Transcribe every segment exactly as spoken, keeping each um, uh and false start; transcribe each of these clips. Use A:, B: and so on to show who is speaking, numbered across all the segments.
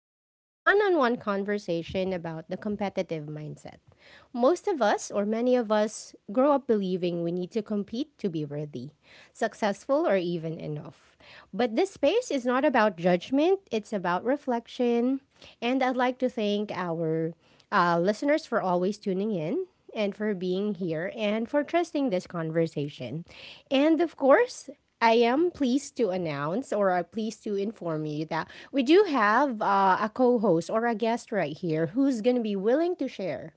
A: w- a one on one conversation about the competitive mindset. Most of us, or many of us, grow up believing we need to compete to be worthy, successful, or even enough. But this space is not about judgment, it's about reflection. And I'd like to thank our uh, listeners for always tuning in and for being here and for trusting this conversation. And of course, I am pleased to announce or are pleased to inform you that we do have uh, a co host or a guest right here who's going to be willing to share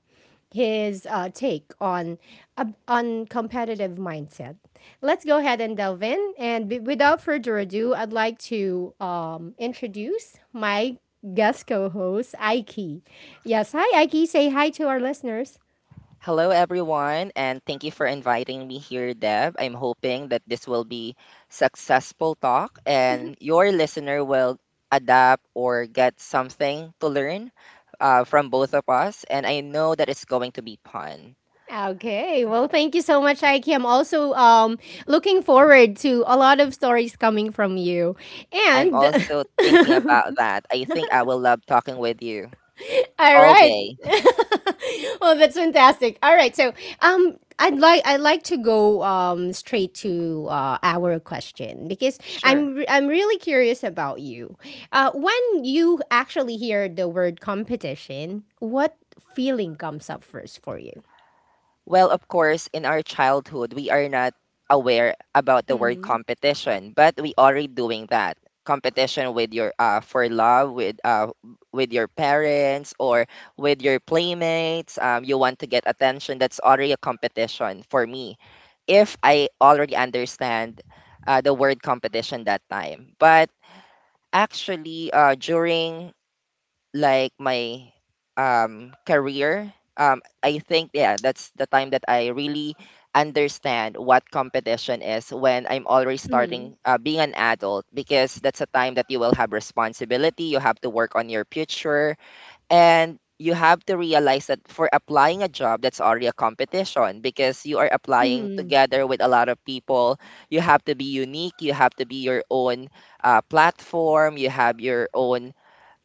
A: his uh, take on uh, on competitive mindset. Let's go ahead and delve in. And b- without further ado, I'd like to um, introduce my guest co host, Aiki. Yes, hi, Aiki. Say hi to our listeners.
B: Hello, everyone, and thank you for inviting me here, Deb. I'm hoping that this will be successful talk and your listener will adapt or get something to learn uh, from both of us. And I know that it's going to be fun.
A: Okay. Well, thank you so much, Aiki. I'm also um, looking forward to a lot of stories coming from you.
B: I'm
A: And
B: also thinking about that. I think I will love talking with you
A: all
B: all
A: right.
B: day.
A: Well, that's fantastic. All right. So, um, I'd like I'd like to go um, straight to uh, our question because
B: Sure.
A: I'm re- I'm really curious about you. Uh, when you actually hear the word competition, what feeling comes up first for you?
B: Well, of course, in our childhood, we are not aware about the word
A: Mm-hmm.
B: competition, but we already doing that. Competition with your uh for love with uh with your parents or with your playmates. Um, you want to get attention. That's already a competition for me. If I already understand uh, the word competition that time, but actually uh, during like my um career um I think yeah that's the time that I really understand what competition is when I'm already
A: Mm-hmm.
B: starting uh, being an adult, because that's a time that you will have responsibility. You have to work on your future, and you have to realize that for applying a job that's already a competition because you are applying
A: Mm-hmm.
B: together with a lot of people. You have to be unique, you have to be your own uh, platform. You have your own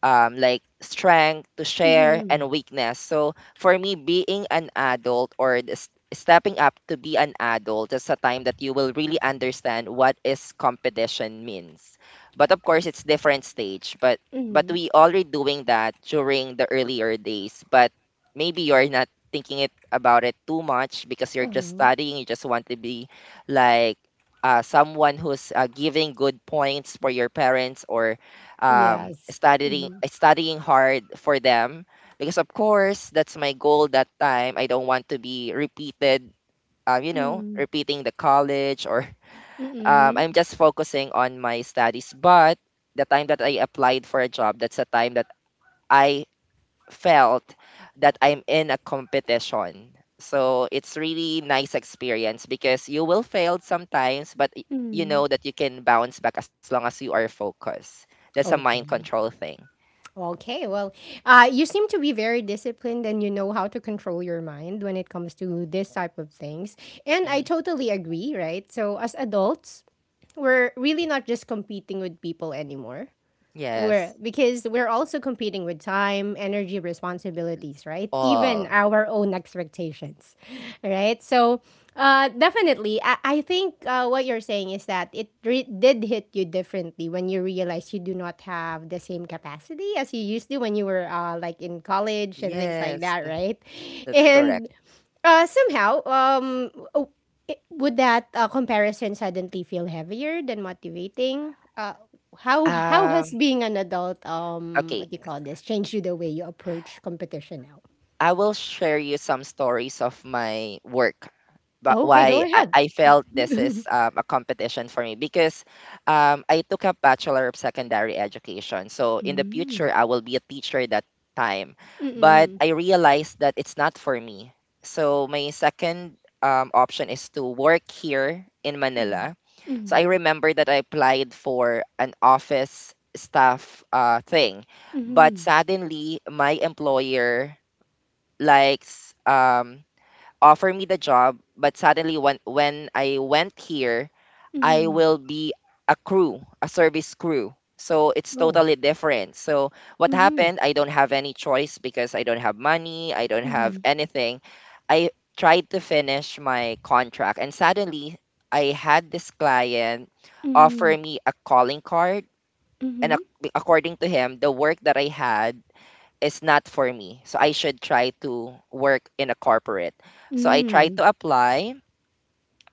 B: um, like strength to share and weakness. So for me, being an adult or this, stepping up to be an adult is a time that you will really understand what is competition means. But of course, it's different stage. But but
A: Mm-hmm.
B: we already doing that during the earlier days. But maybe you're not thinking it about it too much because you're just
A: Mm-hmm.
B: studying. You just want to be like uh, someone who's uh, giving good points for your parents or um,
A: Yes.
B: studying
A: Mhm.
B: studying hard for them, because of course that's my goal that time. I don't want to be repeated, uh, you know,
A: Mm.
B: repeating the college or um,
A: Mm.
B: I'm just focusing on my studies. But the time that I applied for a job, that's a time that I felt that I'm in a competition. So it's really nice experience because you will fail sometimes, but y- you
A: Mm.
B: know that you can bounce back as long as you are focused. That's a mind
A: Okay.
B: control thing.
A: Okay. Well, uh, you seem to be very disciplined and you know how to control your mind when it comes to this type of things. And I
B: Mm-hmm.
A: totally agree, right? So, as adults, we're really not just competing with people anymore. We're
B: Yes,
A: because we're also competing with time, energy, responsibilities, right? Even
B: all.
A: our own expectations, right? So, uh, definitely, I, I think uh, what you're saying is that it re- did hit you differently when you realized you do not have the same capacity as you used to when you were uh, like in college and things like
B: Yes,
A: that,
B: th-
A: right?
B: that's correct.
A: And uh, somehow, um, oh, it- would that uh, comparison suddenly feel heavier than motivating? Uh, how how has
B: Um,
A: being an adult, um,
B: okay,
A: what do you call this, changed you the way you approach competition now?
B: I will share you some stories of my work, but
A: Okay, go
B: why I,
A: ahead.
B: I felt this is um, a competition for me because um, I took up Bachelor of Secondary Education. So in the
A: Mm.
B: future, I will be a teacher that time, but
A: Mm-mm.
B: I realized that it's not for me. So my second um, option is to work here in
A: Mm.
B: Manila. So I
A: Mm.
B: remember that I applied for an office staff uh, thing, but
A: Mm.
B: suddenly my employer likes um, offer me the job. But suddenly when when I went here, I
A: Mm.
B: will be a crew, a service crew. So it's
A: Oh.
B: totally different. So what
A: Mm-hmm.
B: happened? I don't have any choice because I don't have money, I don't have
A: Mm.
B: anything. I tried to finish my contract and suddenly I had this client offer
A: Mm.
B: me a calling card, and
A: Mm-hmm.
B: ac- according to him the work that I had is not for me. So I should try to work in a corporate.
A: Mm.
B: So I tried
A: Mm.
B: to apply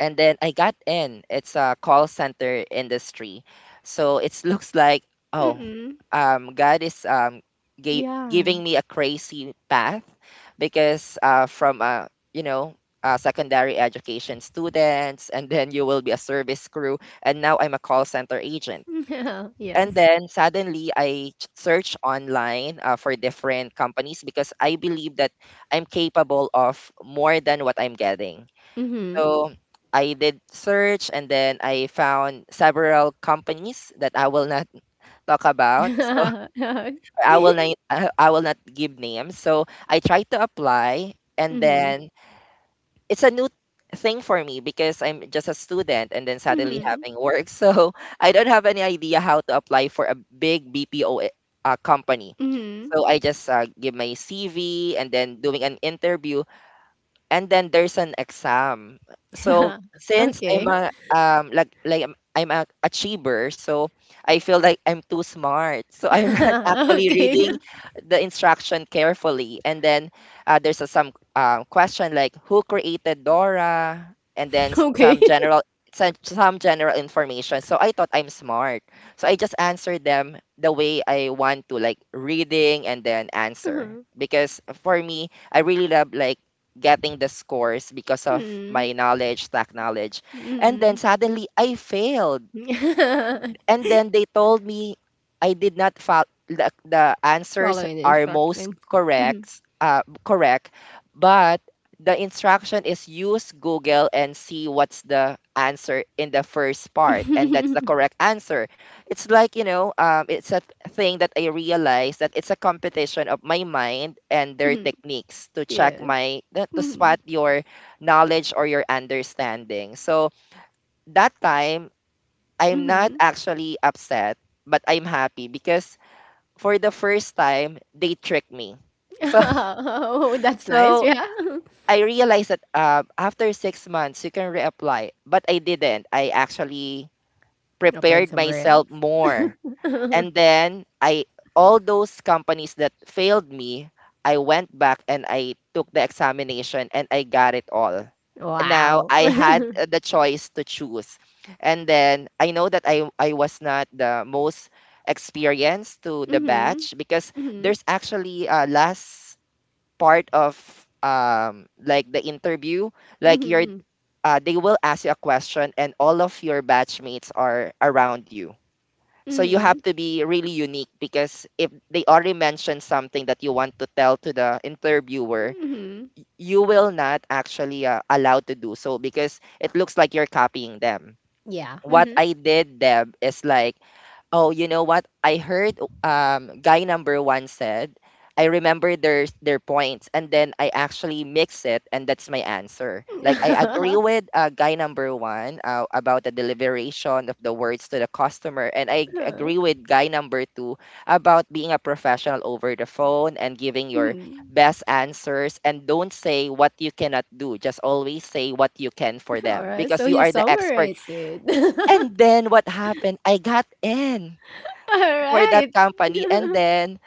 B: and then I got in. It's a call center industry, so it looks like oh,
A: Mm-mm.
B: um, God is um gave,
A: Yeah.
B: giving me a crazy path, because uh, from a you know a secondary education students, and then you will be a service crew, and now I'm a call center agent. And
A: Yes.
B: then suddenly I ch- search online uh, for different companies because I believe that I'm capable of more than what I'm getting.
A: Mm-hmm.
B: So I did search and then I found several companies that I will not talk about. So
A: Mm-hmm.
B: I will not I I will not give names. So I tried to apply, and then it's a new thing for me because I'm just a student and then suddenly
A: Mm-hmm.
B: having work. So I don't have any idea how to apply for a big B P O uh, company.
A: Mm-hmm.
B: So I just uh, give my C V and then doing an interview, and then there's an exam. So since I'm
A: Okay.
B: a um like like I'm, I'm a achiever, so I feel like I'm too smart. So I'm not actually
A: Okay.
B: reading the instruction carefully. And then uh, there's a, some um, question like who created Dora, and then some
A: Okay.
B: general some some general information. So I thought I'm smart. So I just answered them the way I want to, like reading and then answer. Because for me, I really love like getting the scores because of my knowledge, tech knowledge. And then
A: Mm-hmm.
B: suddenly I failed and then they told me I did not follow the, the answers
A: Following the
B: are most
A: instructions. Mhm.
B: correct uh, correct, but the instruction is use Google and see what's the answer in the first part and that's the correct answer. It's like you know um, it's a th- thing that I realized that it's a competition of my mind and their
A: Mhm.
B: techniques to check
A: Yes.
B: my to
A: Mhm.
B: spot your knowledge or your understanding. So that time I'm not
A: Mhm.
B: actually upset, but I'm happy because for the first time they tricked me. So
A: Oh, that's nice.
B: so
A: Yeah.
B: I realized that uh, after six months you can reapply, but I didn't. I actually
A: Applied
B: prepared
A: somewhere
B: myself more,
A: else.
B: and then I all those companies that failed me, I went back and I took the examination and I got it all. Now
A: Wow.
B: I had uh, the choice to choose. And then I know that I I was not the most experienced to the
A: Mhm.
B: batch because
A: Mhm.
B: there's actually a last part of um like the interview like you're
A: Mhm.
B: uh, they will ask you a question and all of your batchmates are around you, so you have
A: Mhm.
B: to be really unique because if they already mentioned something that you want to tell to the interviewer,
A: Mhm.
B: y- you will not actually uh, allowed to do so because it looks like you're copying them.
A: Yeah.
B: What
A: Mhm.
B: I did, Deb, is like oh, you know what? I heard um guy number one said, I remember their their points and then I actually mix it and that's my answer. Like I agree with uh, guy number one uh, about the deliberation of the words to the customer, and I g- agree
A: Mhm.
B: with guy number two about being a professional over the phone and giving your best answers and don't say what you cannot do. Just always say what you can for
A: All
B: them
A: right.
B: because
A: So
B: you
A: you
B: are the expert.
A: summarize it.
B: And then what happened? I got in
A: All
B: for that
A: right.
B: company. And then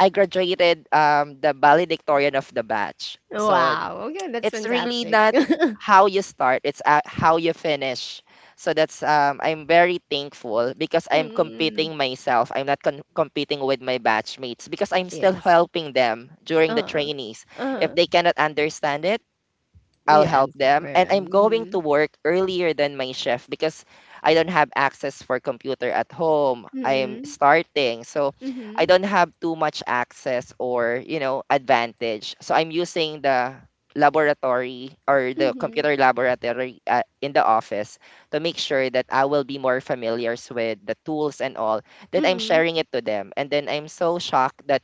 B: I graduated um, the valedictorian of the batch. So
A: Wow. Okay, that's
B: it's really
A: fantastic.
B: not how you start, it's uh, how you finish. So that's um, I'm very thankful because I'm
A: Mm.
B: competing myself. I'm not con- competing with my batchmates because I'm still
A: Yes.
B: helping them during the
A: Uh-huh.
B: trainees. If
A: Uh-huh.
B: they cannot understand it, I'll
A: You
B: help
A: answered for
B: them. And I'm going to
A: him.
B: work earlier than my shift because I don't have access for computer at home. I'm
A: Mhm.
B: starting. So I
A: Mhm.
B: don't have too much access or, you know, advantage. So I'm using the laboratory or the
A: Mhm.
B: computer laboratory uh, in the office to make sure that I will be more familiar with the tools and all. Then
A: Mhm.
B: I'm
A: Mhm.
B: sharing it to them. And then I'm so shocked that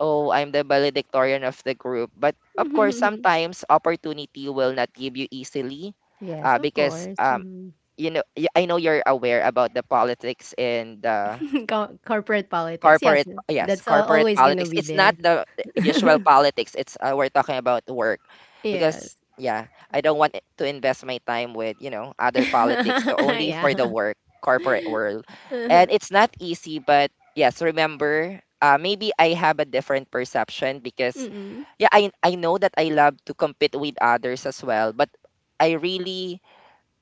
B: oh, I'm the valedictorian of the group. But of course, sometimes opportunity will not give you easily
A: Yes,
B: uh,
A: of
B: because
A: course.
B: um,
A: Mhm.
B: you know y- I know you're aware about the politics and the
A: Co- corporate politics.
B: corporate
A: Yes,
B: po- yes
A: that's al
B: corporate
A: always gonna
B: politics.
A: be
B: It's not
A: there.
B: the usual politics, it's uh, we're talking about work,
A: Yes.
B: because yeah I don't want it to invest my time with you know other politics, so only
A: Yeah.
B: for the work corporate world. And
A: Uh-huh.
B: it's not easy, but yes remember uh, maybe I have a different perception because
A: Mm-mm.
B: yeah I, I know that I love to compete with others as well, but I really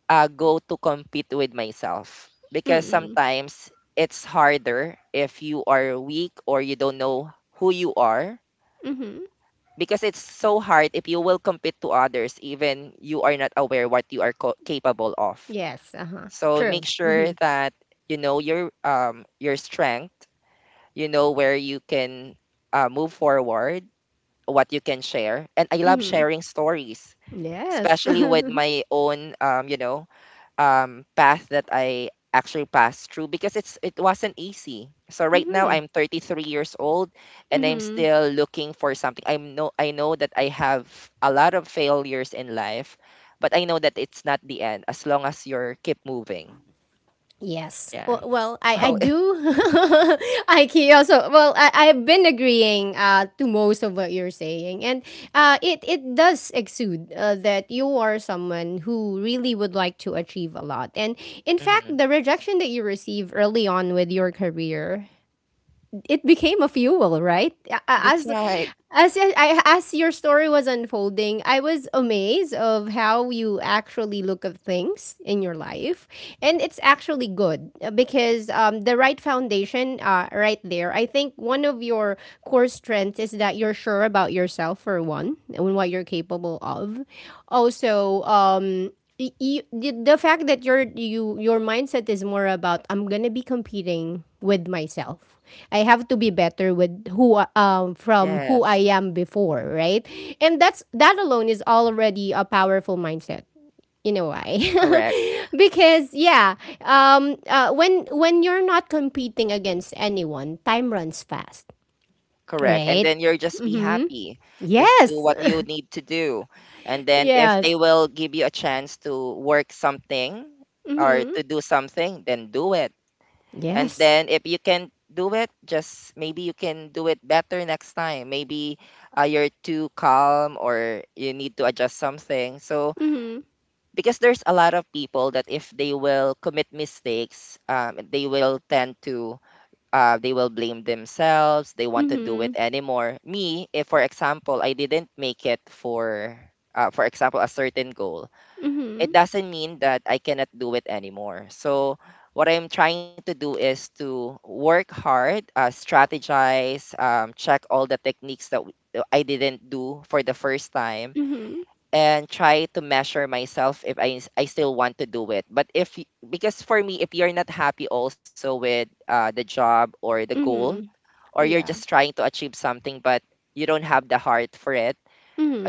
B: uh, go to compete with myself because
A: Mm-mm.
B: sometimes it's harder if you are weak or you don't know who you are,
A: Mhm.
B: because it's so hard if you will compete to others even you are not aware what you are co- capable of.
A: Yes, uh-huh.
B: So make
A: True.
B: sure
A: Mhm.
B: that you know your um your strength, you know where you can uh, move forward, what you can share. And I love
A: Mhm.
B: sharing stories,
A: Yes.
B: especially with my own um you know um path that I actually passed through because it's it wasn't easy. So right now
A: Mhm.
B: I'm thirty-three years old and I'm
A: Mhm.
B: still looking for something. I am no I know that I have a lot of failures in life, but I know that it's not the end as long as you're keep moving.
A: Yes.
B: Yeah.
A: Well, well I, I
B: Oh, it,
A: do. Ikey also. Well, I, I've been agreeing uh, to most of what you're saying. And uh, it, it does exude uh, that you are someone who really would like to achieve a lot. And in fact,
B: mhm.
A: the rejection that you receive early on with your career, it became a fuel, right? A-
B: That's
A: As
B: right.
A: as y- I, as your story was unfolding, I was amazed of how you actually look at things in your life, and it's actually good uh, because um, the right foundation, uh, right there. I think one of your core strengths is that you're sure about yourself for one, and what you're capable of. Also, um, y- y- the the fact that your you your mindset is more about I'm gonna be competing with myself. I have to be better with who I- um from who I
B: Yes.
A: am before, right? And that's that alone is already a powerful mindset. You know why? Because yeah, um uh, when when you're not competing against anyone, time runs fast,
B: Correct, and
A: right?
B: then you're just be
A: Mhm.
B: happy. Just do
A: Yes.
B: what you need to do. And then if they
A: Yes.
B: will give you a chance to work something or
A: Mhm.
B: to do something, then do it. And
A: Yes.
B: then if you can do it, just maybe you can do it better next time. Maybe uh, you're too calm or you need to adjust something. So
A: Mhm.
B: because there's a lot of people that if they will commit mistakes, um, they will tend to, uh, they will blame themselves. They want to do it
A: Mhm.
B: anymore. Me, if for example I didn't make it for, uh, for example, a certain goal, it
A: Mhm.
B: doesn't mean that I cannot do it anymore. So what I'm trying to do is to work hard, uh, strategize, um, check all the techniques that w- I didn't do for the first time,
A: Mhm.
B: and try to measure myself if I, I still want to do it. But if y- because for me, if you're not happy also with uh, the job or the goal
A: Mhm.
B: or you're
A: Yeah.
B: just trying to achieve something but you don't have the heart for it,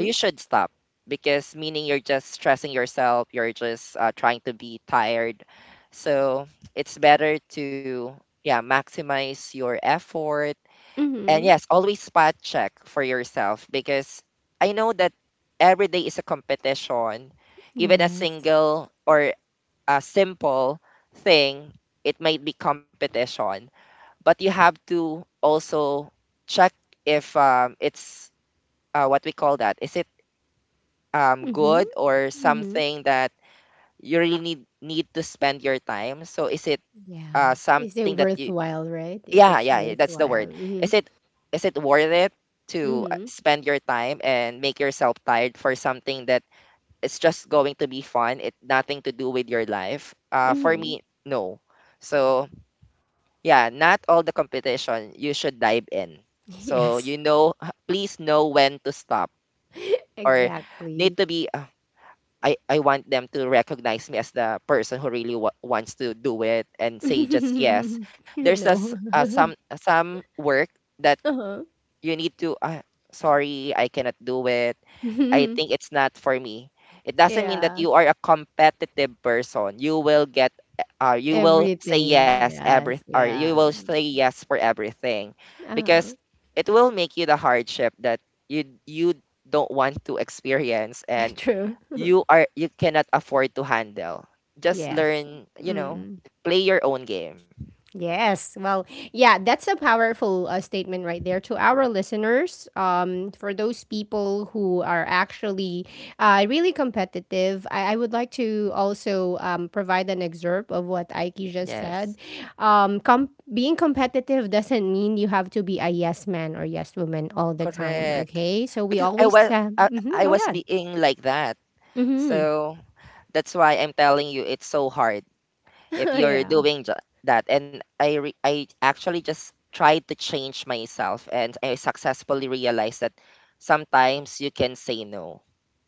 B: uh, you should stop because meaning you're just stressing yourself, you're just uh, trying to be tired. So it's better to, yeah, maximize your effort, and
A: Mhm.
B: yes, always spot check for yourself because I know that every day is a competition. Even a
A: Yes.
B: single or a simple thing, it might be competition, but you have to also check if um, it's, uh, what we call that, is it um,
A: Mhm.
B: good or
A: Mhm.
B: something that you really need need to spend your time. So is it uh,
A: Yeah. Is
B: something
A: it
B: that you,
A: worthwhile, right? If
B: yeah,
A: it's
B: yeah, yeah, that's the
A: worthwhile.
B: word,
A: Mhm.
B: is it is it worth it to uh,
A: Mhm.
B: spend your time and make yourself tired for something that it's just going to be fun, it nothing to do with your life, uh, for
A: Mhm.
B: me, no. So, yeah, not all the competition you should dive in. So,
A: Yes.
B: you know, h- please know when to stop or need
A: Exactly.
B: to be. Uh, I I want them to recognize me as the person who really wa- wants to do it and say just yes. There's a, s-
A: No.
B: uh, some some work that
A: Uh-huh.
B: you need to. Uh, sorry, I cannot do it. I think it's not for me. It doesn't mean that
A: Yeah.
B: you are a competitive person. You will get uh, you will say
A: Everything.
B: yes every,
A: Yes.
B: or you will
A: Yeah.
B: say yes for everything, because
A: Uh-huh.
B: it will make you the hardship that you you don't want to experience, and
A: True.
B: you are you cannot afford to handle. Just
A: Yes.
B: learn, you know,
A: Mm.
B: play your own game.
A: Yes. Well, yeah, that's a powerful uh, statement right there to our listeners. Um, for those people who are actually uh, really competitive, I, I would like to also um, provide an excerpt of what Aiki just said.
B: Yes.
A: Um, com- being competitive doesn't mean you have to be a yes man or yes woman all the time.
B: Correct.
A: Okay. So we
B: Because I
A: always,
B: was
A: uh,
B: I,
A: mhm,
B: I
A: go
B: was
A: ahead.
B: being like that.
A: Hmm.
B: So. That's why I'm telling you it's so hard if you're
A: Yeah.
B: doing ju- that. And I re- I actually just tried to change myself and I successfully realized that sometimes you can say no.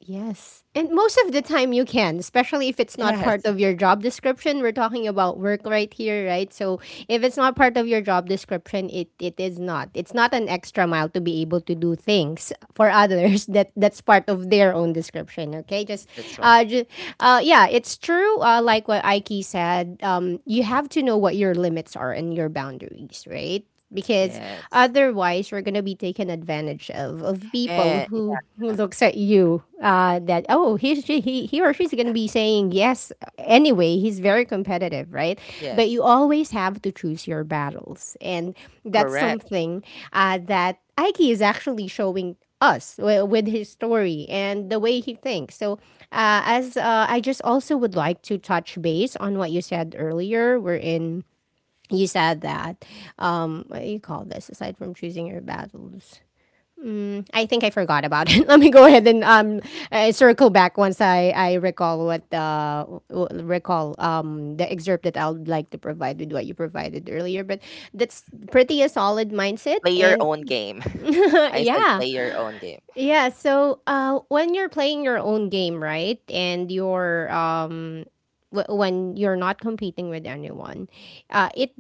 A: Yes. And most of the time you can, especially if it's not part
B: Yes,
A: of your job description. We're talking about work right here, right? So if it's not part of your job description, it, it is not. It's not an extra mile to be able to do things for others that that's part of their own description, okay? Just
B: that's right.
A: uh, just, uh yeah, it's true uh like what Aiki said, um you have to know what your limits are and your boundaries, right? Because
B: Yes.
A: otherwise you're gonna be taken advantage of of people
B: And
A: who who
B: yeah,
A: looks at you uh, that oh he's she, he he or she's gonna be saying yes anyway, he's very competitive right, but you
B: yes,
A: always have to choose your battles and that's
B: correct.
A: something uh, that Aiki is actually showing us wi- with his story and the way he thinks. So, uh, as uh, I just also would like to touch base on what you said earlier, we're in you said that um what do you call this, aside from choosing your battles, I think I forgot about it let me go ahead and um uh, circle back once i i recall what uh w- recall um the excerpt that I would like to provide with what you provided earlier but that's pretty a solid mindset
B: Play your
A: and
B: own game. I said
A: yeah.
B: play your own game.
A: Yeah, so uh, when you're playing your own game, right, and you're um, w- when you're not competing with anyone, uh, it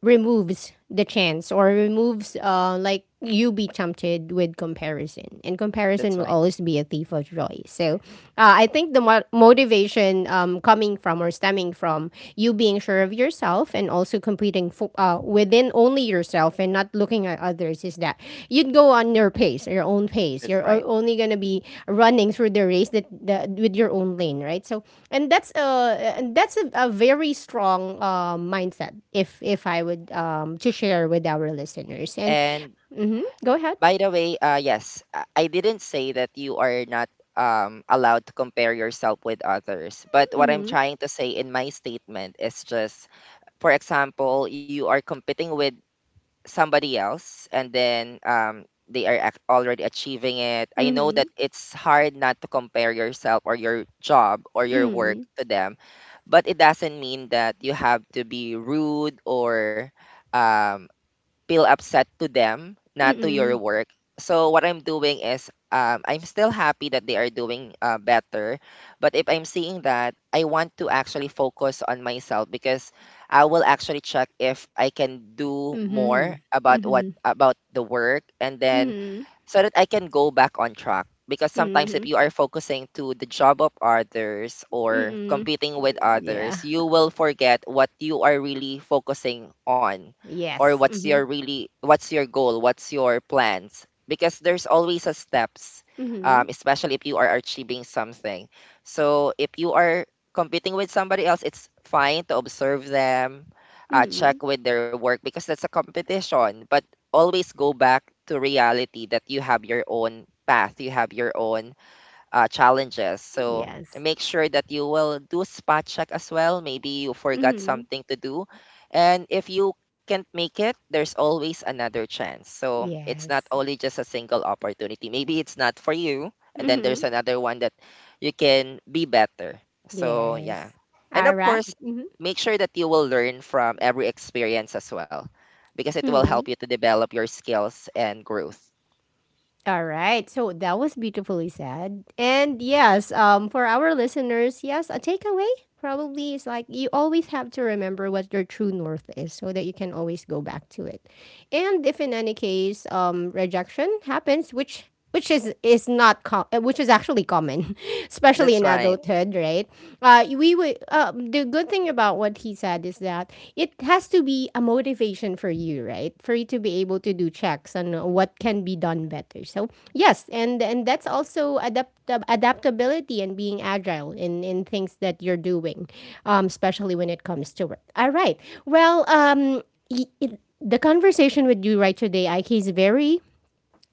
A: removes the chance or removes uh, like you be tempted with comparison, and comparison
B: That's
A: will
B: right.
A: always be a thief of joy. So uh, I think the mo- motivation um, coming from or stemming from you being sure of yourself and also competing fo- uh, within only yourself and not looking at others is that you'd go on your pace, your own pace.
B: That's
A: You're o-
B: right.
A: only gonna be running through the race that, that with your own lane, right? So, and that's a that's a, a very strong uh, mindset. If if I would um to share with our listeners and,
B: And,
A: hmm go ahead.
B: by the way, uh, yes, I I didn't say that you are not um, allowed to compare yourself with others. But what I'm
A: Mm-hmm,
B: trying to say in my statement is just, for example, you are competing with somebody else, and then um, they are ac- already achieving it. I know
A: mm-hmm,
B: that it's hard not to compare yourself or your job or your work to them, but it doesn't mean that you have to be rude or, um, feel upset to them, not to your
A: mm-hmm,
B: work. So what I'm doing is, um, I'm still happy that they are doing, uh, better, but if I'm seeing that, I want to actually focus on myself, because I will actually check if I can do more
A: Mhm.
B: about what
A: Mhm.
B: about the work, and then
A: Mhm.
B: so that I can go back on track. Because sometimes, if
A: Mhm.
B: you are focusing to the job of others or
A: Mhm.
B: competing with
A: Yeah.
B: others, you will forget what you are really focusing on, or
A: Yes.
B: what's your
A: Mhm.
B: really what's your goal, what's your plans. Because there's always a steps,
A: Mhm.
B: um, especially if you are achieving something. So if you are competing with somebody else, it's fine to observe them, uh,
A: Mhm.
B: check with their work because that's a competition. But always go back to reality that you have your own path, you have your own, uh, challenges. So
A: Yes.
B: make sure that you will do spot check as well. Maybe you forgot
A: Mhm.
B: something to do. And if you can't make it, there's always another chance. So it's not
A: Yes.
B: only just a single opportunity. Maybe it's not for you. And then there's
A: Mhm.
B: another one that you can be better. So yeah.
A: Yes.
B: And of
A: Alright.
B: course,
A: Mhm.
B: make sure that you will learn from every experience as well, because it will help
A: Mhm.
B: you to develop your skills and growth.
A: All right. So that was beautifully said. And yes, um, for our listeners, yes, a takeaway probably is like you always have to remember what your true north is so that you can always go back to it. And if in any case um, rejection happens, which which is is not com- uh, which is actually common especially in
B: That's right.
A: adulthood right, uh, we would. Uh, the good thing about what he said is that it has to be a motivation for you, right? For you to be able to do checks on what can be done better. So yes, and and that's also adapt adaptability and being agile in in things that you're doing, um, especially when it comes to work. All right. Well, um, y- it, the conversation with you right today, I K, is very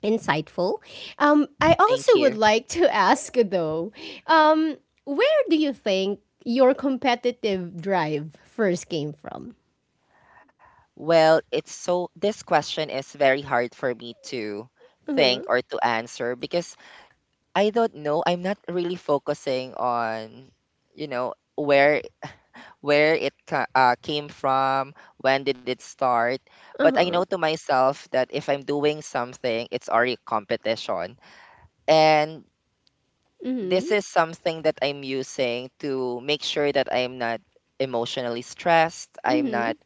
A: insightful. Um, I also
B: Thank
A: would
B: you.
A: like to ask, though, um, where do you think your competitive drive first came from?
B: Well, it's so this question is very hard for me to think or to answer, because I don't know. I'm not really focusing on, you know, where where it ca- uh, came from, when did it start. But
A: Uh
B: I know
A: huh.
B: to myself that if I'm doing something, it's already competition. And this
A: Mm
B: is something that I'm using to make sure that I'm not emotionally stressed.
A: hmm.
B: I'm not
A: Mm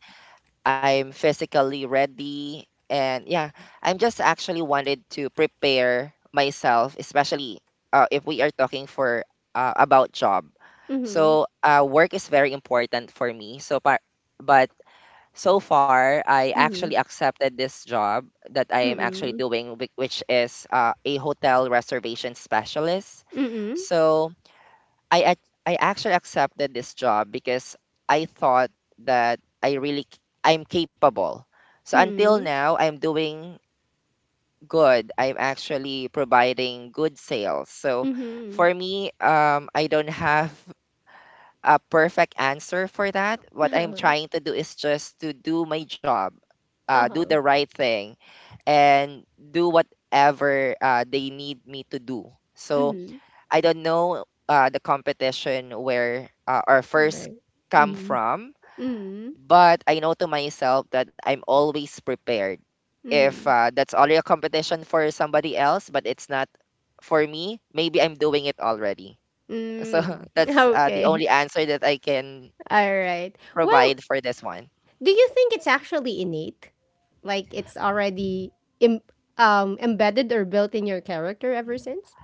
B: I'm physically ready. And yeah, I'm just actually wanted to prepare myself, especially, uh, if we are talking for uh, about job.
A: hmm.
B: So uh, work is very important for me. So, par- but so far, I actually
A: Mm
B: accepted this job that
A: hmm.
B: I am
A: Mm
B: actually
A: hmm.
B: doing, whi- which is uh, a hotel reservation specialist.
A: Mm hmm.
B: So I ac- I actually accepted this job because I thought that I really c- I'm capable. So
A: Mm
B: until
A: hmm.
B: now, I'm doing good. I'm actually providing good sales. So
A: Mm
B: for me, um, I don't have a perfect answer for that. What I'm
A: hmm.
B: trying to do is just to do my job, uh,
A: Uh
B: do
A: huh.
B: the right thing, and do whatever uh, they need me to do.
A: Mm
B: So
A: hmm.
B: I don't know uh, the competition where uh, our first
A: Right. Mm
B: come
A: hmm.
B: from,
A: Mm
B: but I know to myself that I'm always prepared.
A: hmm.
B: If,
A: Mm
B: uh, that's already a competition for somebody else, but it's not for me, maybe I'm doing it already. So
A: hmm. Mm.
B: that's uh, the
A: Okay.
B: only answer that I can
A: All right. Well,
B: provide for this one.
A: do you think it's actually innate? Like it's already Im- um embedded or built in your character ever since?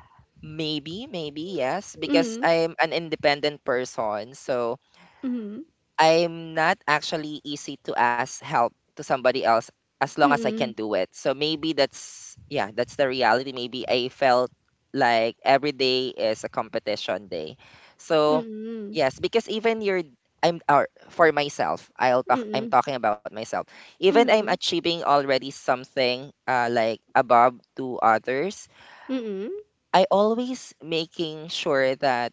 B: Maybe, maybe, yes, because
A: Mhm.
B: I'm an independent person. So
A: Mhm.
B: I'm not actually easy to ask help to somebody else as long as I can
A: Mhm.
B: do it. So maybe that's, yeah, that's the reality. Maybe I felt like every day is a competition day. So
A: Mhm.
B: yes, because even you're I'm or for myself, I'll talk I'm
A: Mhm.
B: talking about myself. Even I'm
A: Mhm.
B: achieving already something, uh, like above to others,
A: Mhm.
B: I always making sure that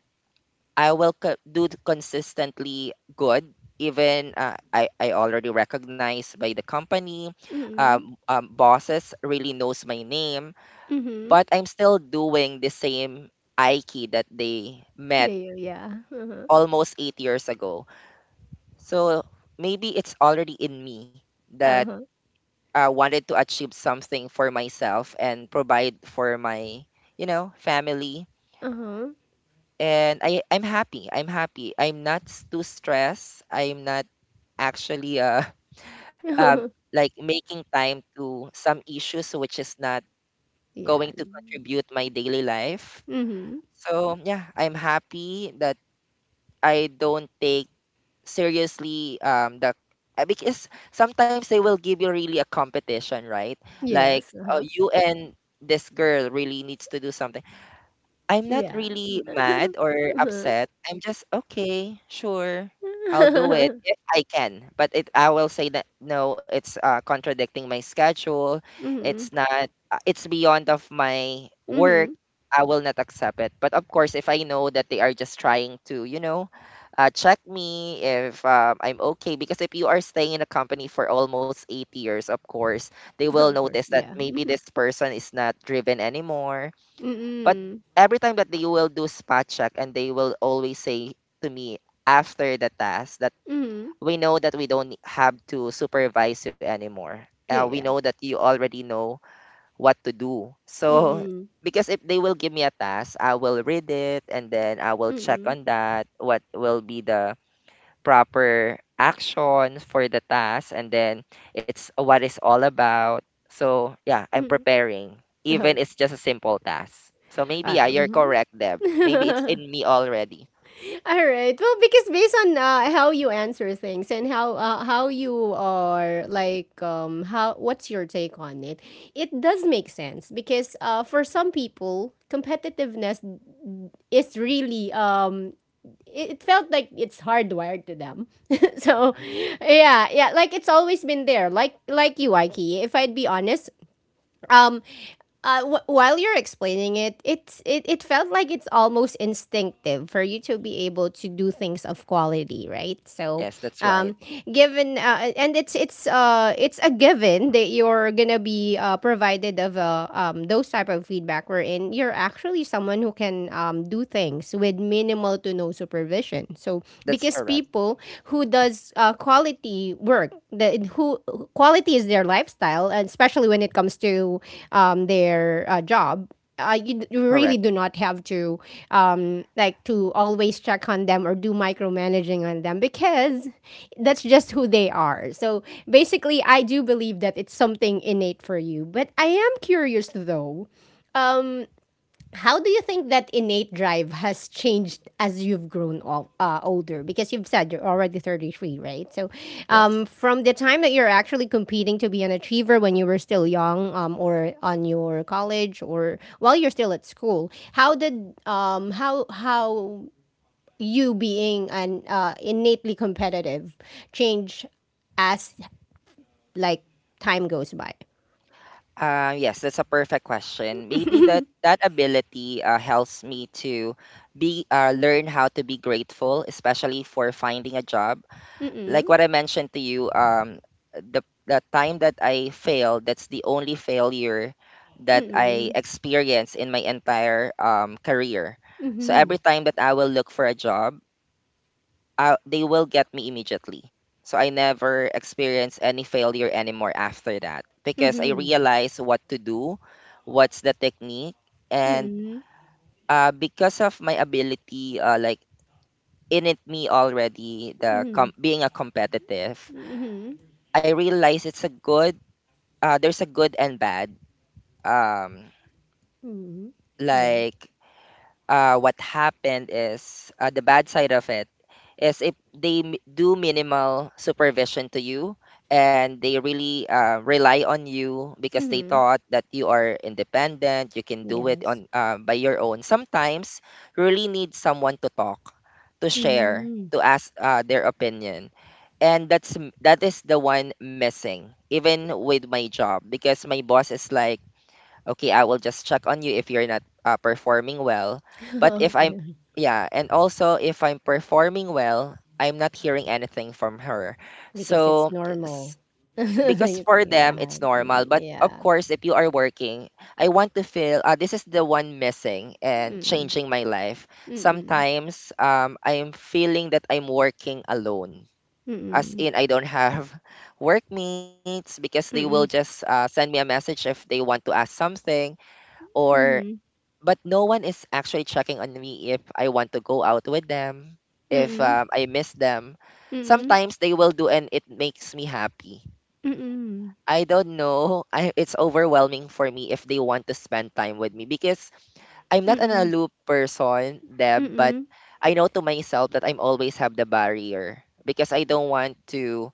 B: I will co- do it consistently good. Even uh, I, I already recognized by the company,
A: Mhm.
B: um, um, bosses really knows my name,
A: Mhm.
B: but I'm still doing the same Aiki that they met
A: There, yeah. Uh-huh.
B: almost eight years ago. So maybe it's already in me that
A: Uh-huh.
B: I wanted to achieve something for myself and provide for my, you know, family.
A: Uh-huh.
B: And I, I'm happy. I'm happy. I'm not s- too stressed. I'm not actually uh um like making time to some issues which is not
A: Yeah.
B: going to contribute my daily life.
A: Mhm.
B: So yeah, I'm happy that I don't take seriously, um the uh, because sometimes they will give you really a competition, right? Like,
A: Yes,
B: uh,
A: uh-huh.
B: you and this girl really needs to do something. I'm not
A: Yeah.
B: really mad or
A: Uh-huh.
B: upset. I'm just okay, sure. I'll do it if I can. But it I will say that no, it's uh, contradicting my schedule. It's
A: Mhm.
B: not, uh, it's beyond of my work.
A: Mhm.
B: I will not accept it. But of course, if I know that they are just trying to, you know, uh, check me if um, I'm okay, because if you are staying in a company for almost eight years, of course, they will
A: Of course,
B: notice that
A: yeah.
B: maybe this person is not driven anymore, but
A: Mhm.
B: every time that they will do spot check, and they will always say to me after the task that
A: Mhm.
B: we know that we don't have to supervise you anymore. Uh, we know
A: Yeah.
B: that you already know what to do. So
A: Mm-mm.
B: because if they will give me a task, I will read it and then I will check
A: Mm-mm.
B: on that what will be the proper action for the task, and then it's what it's all about. So yeah, I'm
A: Mhm.
B: preparing.
A: Oh,
B: Even it's just a simple task. So maybe,
A: uh,
B: yeah, you're
A: mhm.
B: correct, Deb. Maybe it's in me already.
A: All right. Well, because based on uh, how you answer things and how uh, how you are like um how what's your take on it, it does make sense because uh for some people competitiveness is really um it, it felt like it's hardwired to them. So
B: Mhm.
A: yeah, yeah, like it's always been there. Like like you, Ikey. If I'd be honest, um uh, w- while you're explaining it, it's it, it felt like it's almost instinctive for you to be able to do things of quality, right? So,
B: Yes, that's
A: um,
B: right.
A: given uh, and it's it's uh it's a given that you're gonna be uh, provided of a um those type of feedback wherein you're actually someone who can um do things with minimal to no supervision. So
B: That's
A: because
B: correct.
A: people who does uh, quality work. That who quality is their lifestyle, and especially when it comes to um, their uh, job. Uh, you, d- you really
B: Correct.
A: do not have to um, like to always check on them or do micromanaging on them because that's just who they are. So basically, I do believe that it's something innate for you. But I am curious though, how do you think that innate drive has changed as you've grown o- uh, older? Because you've said you're already thirty-three, right? So,
B: Yes.
A: um, from the time that you're actually competing to be an achiever when you were still young, um, or on your college, or while you're still at school, how did um, how how you being an uh, innately competitive change as like time goes by?
B: Uh, yes, that's a perfect question. Maybe that that ability uh, helps me to be uh, learn how to be grateful, especially for finding a job like
A: Mm-mm.
B: what I mentioned to you, um, the the time that I failed, that's the only failure that I
A: Mm-mm.
B: experienced in my entire, um, career. So
A: Mm-hmm.
B: every time that I will look for a job, I, they will get me immediately. So I never experience any failure anymore after that because I
A: Mm-hmm.
B: realize what to do, what's the technique, and
A: Mm-hmm.
B: uh, because of my ability, uh, like in it me already the com- being a competitive.
A: Mhm.
B: I realize it's a good, uh there's a good and bad. Um
A: Mhm. Yeah.
B: like uh what happened is, uh, the bad side of it is if they m- do minimal supervision to you and they really uh, rely on you because they
A: Mhm.
B: thought that you are independent, you can do it
A: Yes.
B: on, uh, by your own. Sometimes you really need someone to talk, to share,
A: Mhm.
B: to ask uh, their opinion, and that's m- that is the one missing even with my job, because my boss is like, okay, I will just check on you if you're not uh, performing well, but if I'm,
A: Okay.
B: yeah, and also if I'm performing well, I'm not hearing anything from her.
A: Because it's
B: So
A: normal.
B: s- because
A: Things
B: for
A: like
B: them it's
A: that.
B: normal,
A: Mm,
B: but of
A: yeah.
B: course if you are working, I want to feel, uh, this is the one missing and
A: Mm.
B: changing my life.
A: Mm.
B: Sometimes um, I'm feeling that I'm working alone, as
A: Mm.
B: in I don't have workmates, because they will
A: Mm.
B: just uh, send me a message if they want to ask something, or
A: Mhm.
B: but no one is actually checking on me if I want to go out with them, if
A: Mhm.
B: um, I miss them.
A: Mhm.
B: Sometimes they will do and it makes me happy.
A: Mhm.
B: I don't know, I it's overwhelming for me if they want to spend time with me, because I'm not an
A: Mhm.
B: aloof person, Deb, but
A: Mhm.
B: I know to myself that I'm always have the barrier, because I don't want to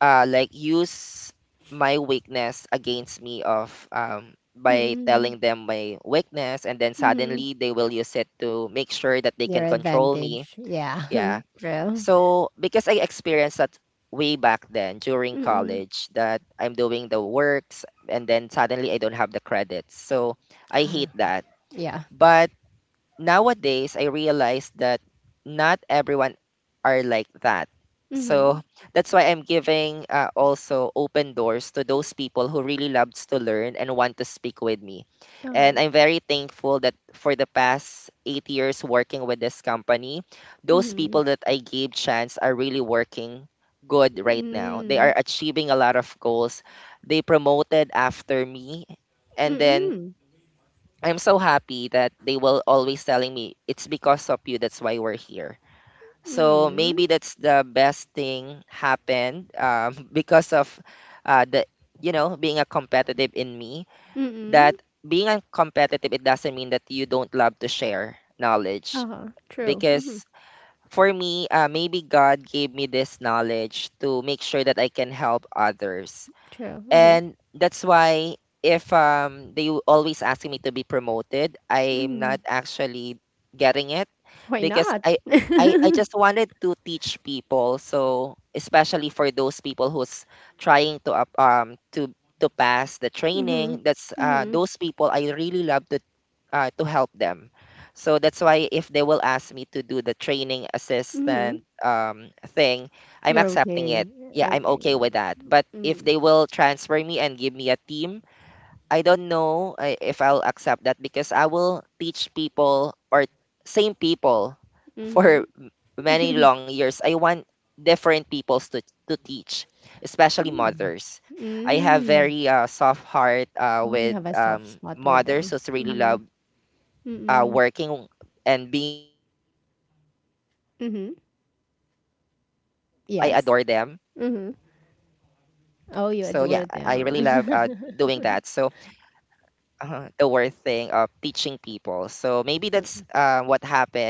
B: uh like use my weakness against me, of um by
A: Mhm.
B: telling them my weakness and then
A: Mhm.
B: suddenly they will use it to make sure that they can
A: Their
B: control me.
A: advantage. Yeah.
B: Yeah,
A: True.
B: so because I experienced that way back then during
A: Mm.
B: college, that I'm doing the works and then suddenly I don't have the credits, so I
A: How? Yeah.
B: hate that.
A: Yeah.
B: But nowadays I realize that not everyone are like that. So
A: Mhm.
B: that's why I'm giving uh, also open doors to those people who really loves to learn and want to speak with me. And
A: Oh.
B: I'm very thankful that for the past eight years working with this company, those
A: Mhm.
B: people that I gave chance are really working good right now. They are
A: Mm.
B: achieving a lot of goals. They promoted after me. And then
A: Mm.
B: I'm so happy that they will always telling me it's because of you that's why we're here. So maybe
A: Mm.
B: that's the best thing happened, um, because of uh, the, you know, being a competitive in me.
A: Mm.
B: That being a competitive, it doesn't mean that you don't love to share knowledge,
A: Uh-huh. True. Mhm.
B: because for me, uh, maybe God gave me this knowledge to make sure that I can help others.
A: True. Mhm.
B: And that's why if um they always asking me to be promoted, I'm
A: Mhm.
B: not actually getting it,
A: Why
B: because
A: not?
B: I I I just wanted to teach people. So especially for those people who's trying to up- um to to pass the
A: Mhm.
B: training, that's uh
A: Mhm.
B: those people I really love to uh, to help them. So that's why if they will ask me to do the training
A: Mhm.
B: assistant um, thing, I'm
A: You're
B: accepting
A: okay.
B: it. Yeah, I'm
A: Okay.
B: okay with that. But if
A: Mm.
B: they will transfer me and give me a team, I don't know I- if I'll accept that, because I will teach people or same people
A: Mhm.
B: for m- many long years. I want different peoples to to teach, especially
A: Mm.
B: mothers. I have
A: Mm.
B: very uh, soft heart uh,
A: Oh, you
B: with
A: have a soft
B: um,
A: spot with
B: mothers
A: them.
B: who's really love
A: Mhm.
B: uh,
A: Mm.
B: working and being a mother. So I adore
A: Mhm.
B: them.
A: Yes. Mhm.
B: So yeah, I I really
A: Oh, you
B: love
A: adore
B: uh, doing
A: them.
B: that. So uh, the worst thing of teaching people. So maybe that's um, what happened,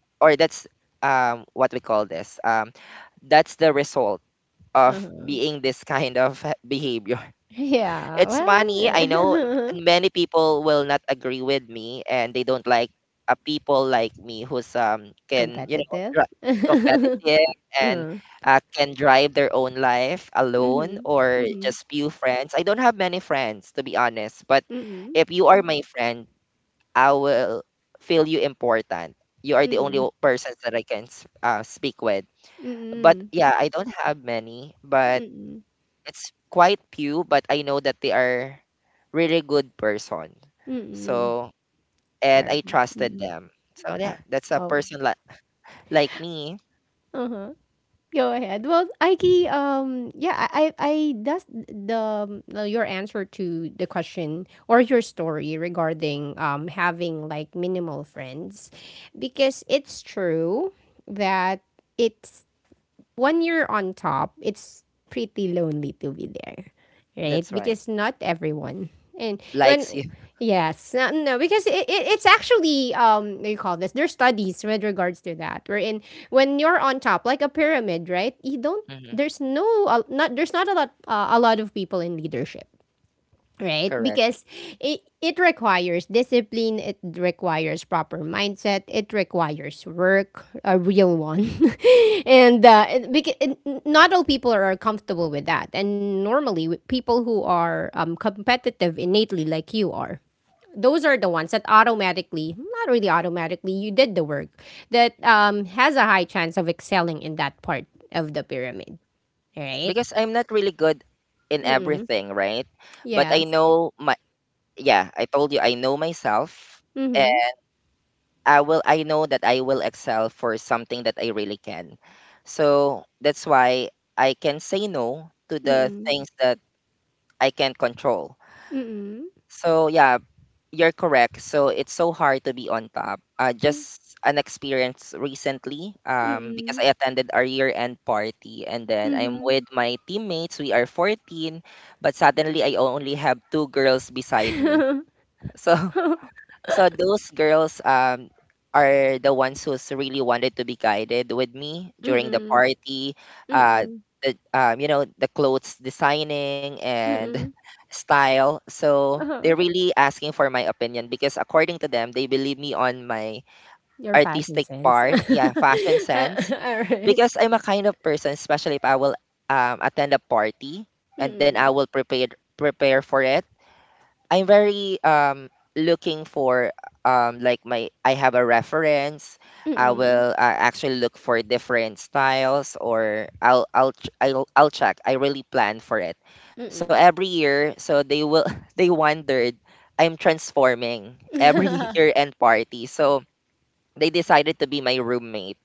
B: or that's um, what we call this. Um, that's the result of
A: Uh-huh.
B: being this kind of behavior.
A: Yeah.
B: It's funny. I know
A: Well,
B: many people will not agree with me, and they don't like uh, people like me who's um can, you know,
A: competitive.
B: dri- competitive and
A: Uh-huh.
B: uh, can drive their own life alone
A: Mhm. Mhm.
B: or
A: Mhm.
B: just few friends. I don't have many friends, to be honest, but
A: Mhm.
B: if you are my friend, I will feel you important. You are the only
A: Mhm.
B: o- persons that I can s- uh, speak with. But
A: Mm,
B: yeah, I don't have many, but
A: mm,
B: it's quite few. But I know that they are really good person.
A: mm,
B: So, and
A: er,
B: I trusted
A: mm,
B: them. So
A: oh,
B: yeah, that's a
A: oh,
B: person like like me.
A: uh-huh. Go ahead. Well, Aiki, um, yeah, I, I, I- that's the um, your answer to the question or your story regarding um having like minimal friends, because it's true that it's when you're on top, it's pretty lonely to be there, right?
B: That's right.
A: Because not everyone. And when,
B: Likes you.
A: yes, no, no, because it, it, it's actually um what do you call this? There's studies with regards to that. Wherein when you're on top, like a pyramid, right? You don't,
B: Hmm.
A: there's no, uh, not, there's not a lot, uh, a lot of people in leadership, right?
B: Correct.
A: Because it it requires discipline, it requires proper mindset, it requires work, a real one. and uh it, because not all people are comfortable with that, and normally with people who are um, competitive innately like you are, those are the ones that automatically, not really automatically, you did the work that um has a high chance of excelling in that part of the pyramid, right?
B: Because I'm not really good in
A: Mm-mm.
B: everything, right? But I
A: Yes.
B: know my, yeah, I told you, I know myself, and
A: Mm-hmm.
B: I will I know that I will excel for something that I really can. So that's why I can say no to the
A: Mm-mm.
B: things that I can't control.
A: Mm-mm.
B: So yeah, you're correct. So it's so hard to be on top. Uh,
A: Hmm,
B: just an experience recently, um, because
A: mm,
B: I attended our year-end party, and then I'm
A: mhm.
B: with my teammates. We are fourteen, but suddenly I only have two girls beside me. So so those girls um are the ones who's really wanted to be guided with me during the
A: Mm,
B: party,
A: mm,
B: uh
A: mm.
B: the um, you know, the clothes designing and style. So they're
A: Uh-huh.
B: really asking for my opinion because according to them they believe me on my
A: Your fashion
B: artistic
A: sense.
B: part, yeah,
A: Alright.
B: fashion sense, because I'm a kind of person, especially if I will um, attend a party
A: Mm,
B: and then I will
A: mm,
B: prepare prepare for it. I'm very um looking for um like my, I have a reference. I
A: mm.
B: will uh, actually look for different styles, or I'll I'll ch- I'll I'll check. I really plan for it. So every year, so they will they wondered I'm transforming every year end party. So they decided to be my roommate.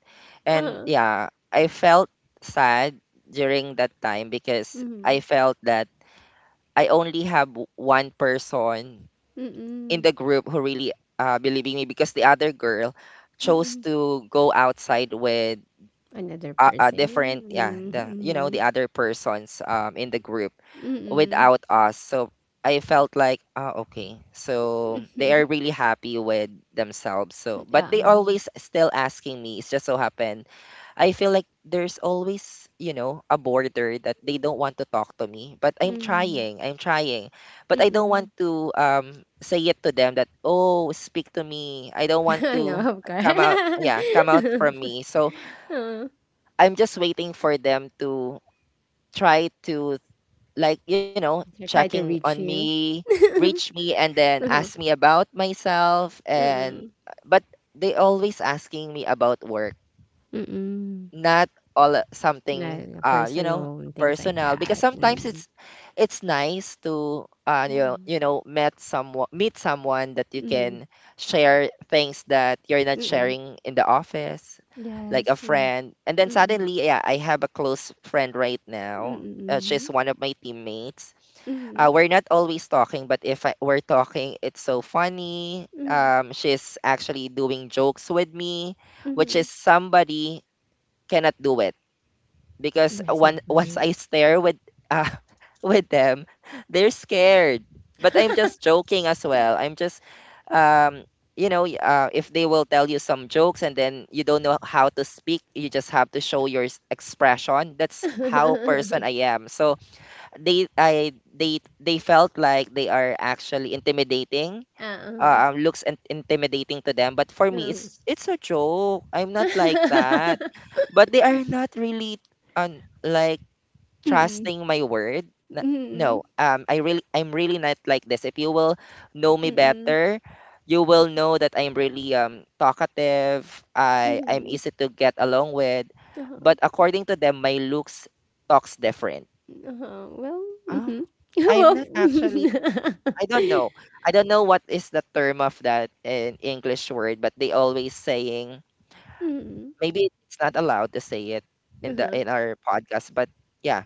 B: And
A: Uh-huh.
B: yeah, I felt sad during that time because I
A: Mhm.
B: felt that I only have w- one person in
A: Mm,
B: the group who really uh, believing me, because the other girl chose
A: mm.
B: to go outside with
A: Another
B: a, a
A: person.
B: different, yeah, the, you know, the
A: Mhm,
B: other persons um, in the group
A: mm. Mhm.
B: without us. So I felt like, ah, okay, so they are really happy with themselves. So but
A: Yeah,
B: they
A: mhm.
B: always still asking me, it's just so happened. I feel like there's always, you know, a border that they don't want to talk to me. But I'm
A: Mhm.
B: trying, I'm trying. But I don't want
A: Mm.
B: to um say it to them that, oh, speak to me. I don't want
A: No,
B: to
A: of course.
B: come out, yeah, come out from me. So
A: Uh,
B: I'm just waiting for them to try to, like, you know,
A: I try
B: checking
A: to
B: on
A: reach you.
B: me, reach me, and then ask
A: Mhm.
B: me about myself. And
A: Mm.
B: but they always asking me about work,
A: Mm,
B: not all, uh, something,
A: na
B: uh you know,
A: personal and things like
B: personal. Because
A: that,
B: sometimes
A: mm.
B: it's it's nice to uh you
A: Yeah,
B: know, you know, met someone meet someone that you
A: mm,
B: can share things that you're not
A: mm,
B: sharing in the office, like a
A: yes, mm,
B: friend. And then
A: mm,
B: suddenly, yeah, I have a close friend right
A: mm,
B: now, uh, she's
A: mhm,
B: one of my teammates. Uh,
A: mhm,
B: we're not always talking, but if I, we're talking, it's so funny.
A: mhm,
B: Um she's actually doing jokes with me, which
A: mhm.
B: is somebody cannot do it, because
A: Yes, of
B: one once
A: course.
B: I stare with uh, with them, they're scared. But I'm just joking as well. I'm just um you know, y- uh, if they will tell you some jokes and then you don't know how to speak, you just have to show your s- expression. That's how person I am. So they I they they felt like they are actually intimidating,
A: Uh, uh,
B: uh, um, looks in- intimidating to them. But for me,
A: oo.
B: it's it's a joke. I'm not like that. But they are not really um, like
A: Mm,
B: trusting my word. N-
A: mm,
B: No, um, I really, I'm really not like this. If you will know me better, you will know that I'm really um talkative. I I'm
A: mm,
B: easy to get along with.
A: huh.
B: But according to them, my looks talks different.
A: Uh huh. Well,
B: Ah,
A: mhm,
B: I'm
A: well,
B: not actually, I don't know. I don't know what is the term of that in English word, but they always saying,
A: mm,
B: maybe it's not allowed to say it in the
A: mhm.
B: in our podcast, but yeah,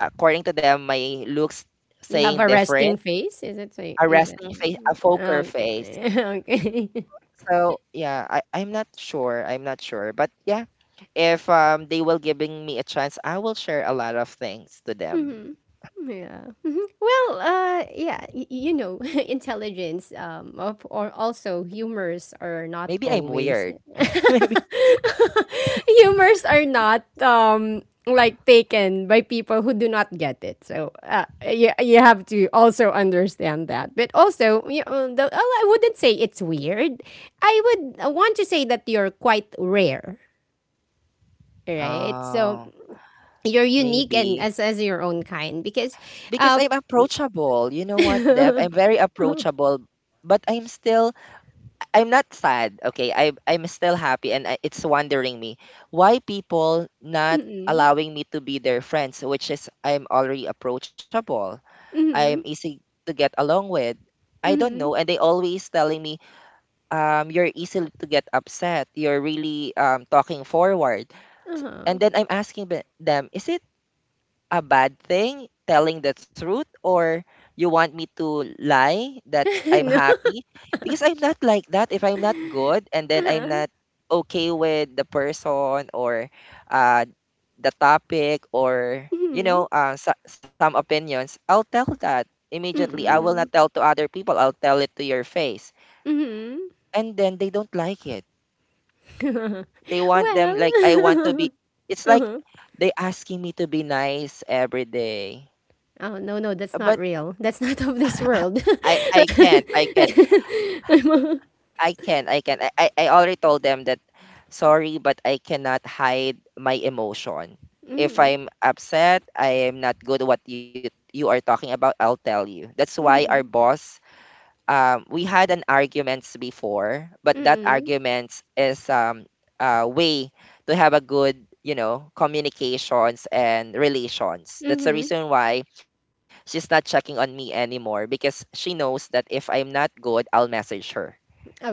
B: according to them, my looks
A: You have
B: saying
A: a
B: different,
A: resting face? Is it so?
B: a
A: Is it
B: resting face, a poker
A: okay?
B: face.
A: Okay.
B: So yeah, I I'm not sure. I'm not sure, but yeah, if um they will giving me a chance, I will share a lot of things to them.
A: Mhm. Yeah. Mhm. Well, uh, yeah, y- you know, intelligence, um, of, or also humors are not
B: Maybe I'm
A: always.
B: weird. Maybe.
A: Humors are not um like taken by people who do not get it. So, uh, you, you have to also understand that. But also, you know, the, oh, I wouldn't say it's weird. I would want to say that you're quite rare, right? So
B: Oh,
A: you're unique and
B: maybe.
A: as as your own kind because
B: Because
A: uh
B: I'm approachable. You know what, Deb? I'm very approachable, but I'm still, I'm not sad. Okay, I I'm still happy, and I, it's wondering me why people not
A: Mm.
B: allowing me to be their friends, which is I'm already approachable. I'm
A: Mhm.
B: easy to get along with. I don't know,
A: Mhm.
B: and they always telling me, um, you're easy to get upset. You're really um talking forward, S- and
A: Uh-huh.
B: then I'm asking be- them, is it a bad thing telling the truth or you want me to lie that I'm
A: No.
B: happy? Because I'm not like that. If I'm not good and then I'm
A: Uh-huh.
B: not okay with the person or uh the topic or you know
A: Mhm.
B: uh, so, some opinions I'll tell that immediately. I will not
A: Mm.
B: tell to other people, I'll tell it to your face,
A: Mhm.
B: and then they don't like it. They want them like I want to be,
A: Well.
B: it's like
A: Uh-huh.
B: they asking me to be nice every day.
A: Oh, no, no, that's not
B: But
A: real. That's not of this world.
B: I I can't. I can't.
A: I'm a
B: I can't. I can't. I, I I already told them that sorry, but I cannot hide my emotion. If
A: Mhm.
B: I'm upset, I am not good at what you you are talking about, I'll tell you. That's why our
A: Mhm.
B: boss, um, we had an arguments before, but that
A: Mm.
B: arguments is, um, a way to have a good, you know, communications and relations. That's the
A: Mhm.
B: reason why she's not checking on me anymore, because she knows that if I'm not good, I'll message her.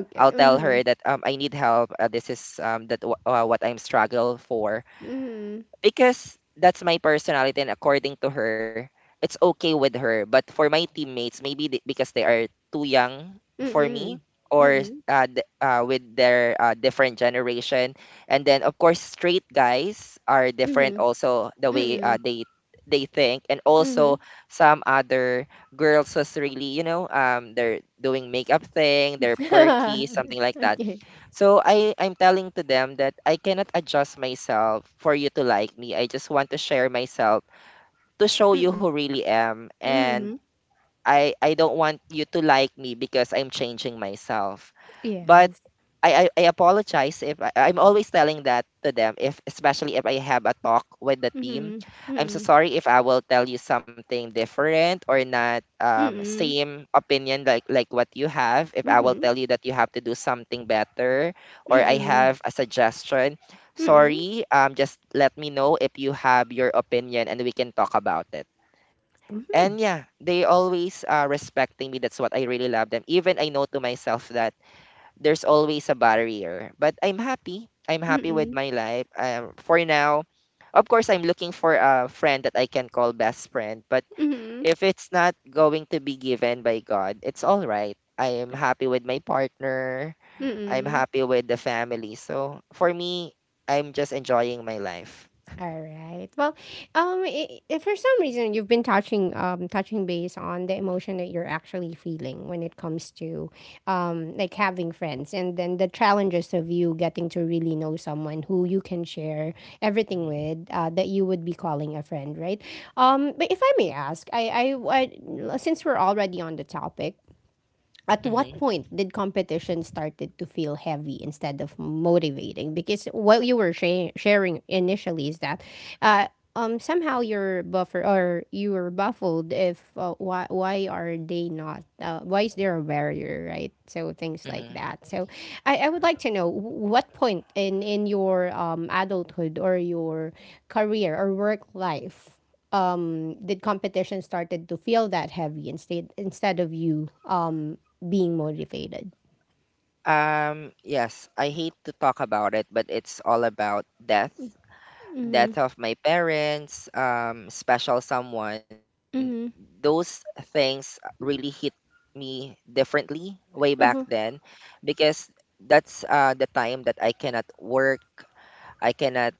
B: I'll tell her
A: Mhm.
B: that um, I need help. Uh, this is, um, that w- uh, what I'm struggle for,
A: Mhm.
B: because that's my personality. And according to her it's okay with her, but for my teammates maybe they, because they are too young for me,
A: Mhm.
B: or
A: Mhm.
B: uh, th- uh, with their uh, different generation. And then of course straight guys are different
A: Mhm.
B: also, the way uh,
A: Mhm.
B: they they think. And also
A: Mhm.
B: some other girls was really, you know, um they're doing makeup thing, they're perky, something like that.
A: Okay.
B: So I I'm telling to them that I cannot adjust myself for you to like me. I just want to share myself, to show you
A: Mhm.
B: who really am. And
A: Mhm.
B: I I don't want you to like me because I'm changing myself. But
A: Yes.
B: I, I I apologize if I, I'm always telling that to them, if especially if I have a talk with the team.
A: Mhm.
B: I'm so
A: Mm.
B: sorry if I will tell you something different or not um
A: Mm.
B: same opinion like like what you have. If I will
A: Mhm.
B: tell you that you have to do something better or I
A: Mm.
B: have a suggestion,
A: Mm.
B: sorry, um just let me know if you have your opinion and we can talk about it. And
A: Mhm.
B: yeah, they always uh, respecting me. That's what I really love them. Even I know to myself that there's always a barrier. But I'm happy. I'm happy with
A: Mm.
B: my life. Um, for now, of course, I'm looking for a friend that I can call best friend. But
A: Mhm.
B: if it's not going to be given by God, it's all right. I am happy with my partner. I'm
A: Mm.
B: happy with the family. So for me, I'm just enjoying my life.
A: Alright. Well, um, I I for some reason, you've been touching, um, touching base on the emotion that you're actually feeling when it comes to, um, like having friends, and then the challenges of you getting to really know someone who you can share everything with, uh, that you would be calling a friend, right? Um, but if I may ask, I, I, I since we're already on the topic, at what
B: hmm
A: point did competition started to feel heavy instead of motivating because what you were sha- sharing initially is that uh, um, somehow you're buffer or you were baffled if uh, why why are they not uh, why is there a barrier, right? So things like
B: hmm
A: that, so I, I would like to know wh- what point in in your um, adulthood or your career or work life um, did competition started to feel that heavy instead instead of you um, being motivated.
B: Um, yes, I hate to talk about it, but it's all about death.
A: Mm-hmm.
B: Death of my parents, um, special someone,
A: Mm-hmm.
B: those things really hit me differently way back then,
A: Uh-huh.
B: because that's uh, the time that I cannot work, I cannot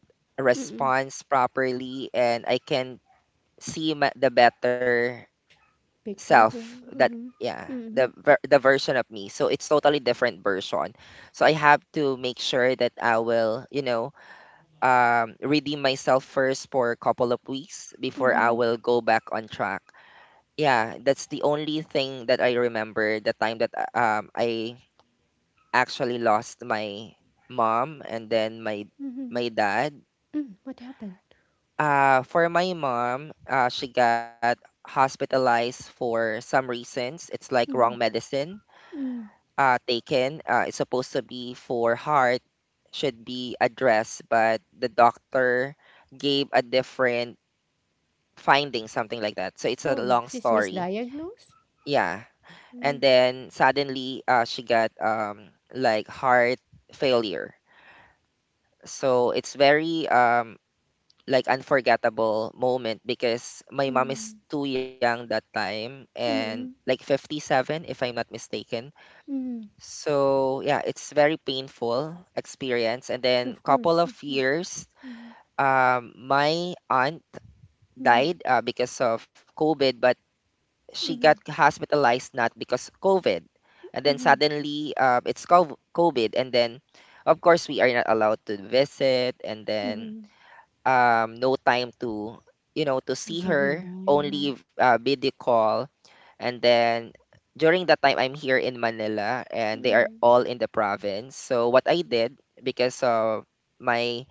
A: Mm-mm.
B: respond properly, and I can see my, the better
A: Picture
B: self
A: him.
B: that, yeah,
A: Mm-hmm. Mm-hmm.
B: the ver- the version of me. So it's totally different version, so I have to make sure that I will, you know, um, redeem myself first for a couple of weeks before I
A: Mm-hmm.
B: will go back on track. Yeah, that's the only thing that I remember, the time that uh, um, I actually lost my mom and then my
A: Mm-hmm.
B: my dad.
A: Mm. What happened?
B: Uh, for my mom, uh, she got hospitalized for some reasons. It's like wrong
A: Mm-hmm.
B: medicine
A: Mm.
B: uh, taken. Uh, it's supposed to be for heart, should be addressed, but the doctor gave a different finding, something like that. So it's a
A: So
B: long
A: she's
B: story.
A: misdiagnosed?
B: Yeah. And
A: Mm.
B: then suddenly uh, she got um like heart failure. So it's very um like unforgettable moment, because my mom is
A: Mm.
B: too young that time, and
A: Mm-hmm.
B: like fifty-seven if I'm not mistaken.
A: Mm.
B: So yeah, it's very painful experience. And then
A: Of
B: couple
A: course,
B: of
A: of course.
B: years
A: Mm.
B: um my aunt
A: Mm.
B: died uh, because of COVID. But she got
A: Mm.
B: hospitalized not because COVID, and then
A: Mm.
B: suddenly um, it's cov- COVID, and then of course we are not allowed to visit, and then
A: Mm.
B: um, no time to, you know, to
A: You
B: see
A: say
B: her,
A: goodbye, yeah.
B: only uh, video call. And then during that time I'm here in Manila, and they are
A: Mm.
B: all in the province. So what I did, because of my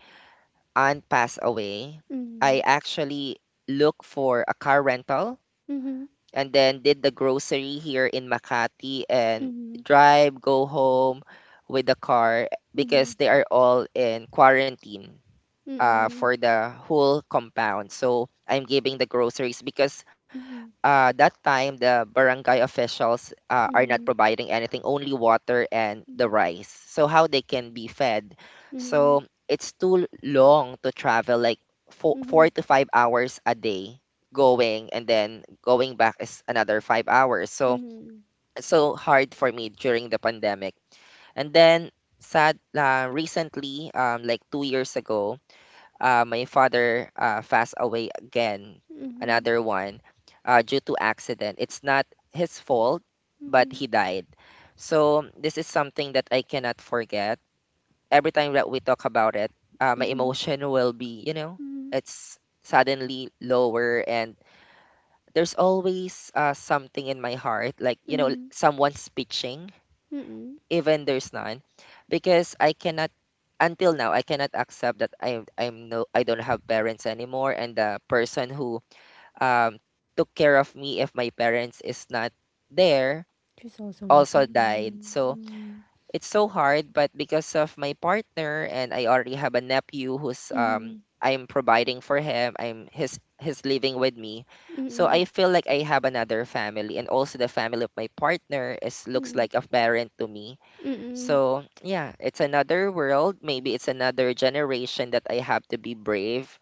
B: aunt passed away, I
A: Mm.
B: actually look for a car rental
A: Mm-hmm.
B: and then did the grocery here in Makati and
A: Mm-hmm.
B: drive, go home with the car,
A: Mm-hmm.
B: because they are all in quarantine uh,
A: Mm-hmm.
B: for the whole compound. So I'm giving the groceries because
A: Mm-hmm.
B: uh, that time the barangay officials uh, are not
A: Mm-hmm.
B: providing anything, only water and the rice, so how they can be fed.
A: Mm-hmm.
B: So it's too long to travel like four, four to five hours a day going, and then going back is another five hours. So
A: Mm-hmm.
B: so hard for me during the pandemic. And then sad, uh, recently um, like two years ago uh, my father uh, passed away again,
A: Mm-hmm.
B: another one, uh, due to accident. It's not his fault, but
A: Mhm,
B: he died. So this is something that I cannot forget. Every time that we talk about it, uh, my
A: mhm,
B: emotion will be, you know,
A: mhm,
B: it's suddenly lower. And there's always uh, something in my heart, like, you know,
A: mhm,
B: someone's pitching,
A: mm.
B: even there's none, because I cannot, until now I cannot accept that I I'm no I don't have parents anymore. And the person who um took care of me if my parents is not there,
A: There's also
B: also
A: nothing in
B: died.
A: my
B: So
A: mm,
B: it's so hard, but because of my partner, and I already have a nephew who's um
A: mhm,
B: I'm providing for him. I'm his his living with me. So
A: mm,
B: I feel like I have another family, and also the family of my partner is looks
A: mm,
B: like a parent to me.
A: mm,
B: So, yeah, it's another world. Maybe it's another generation that I have to be brave.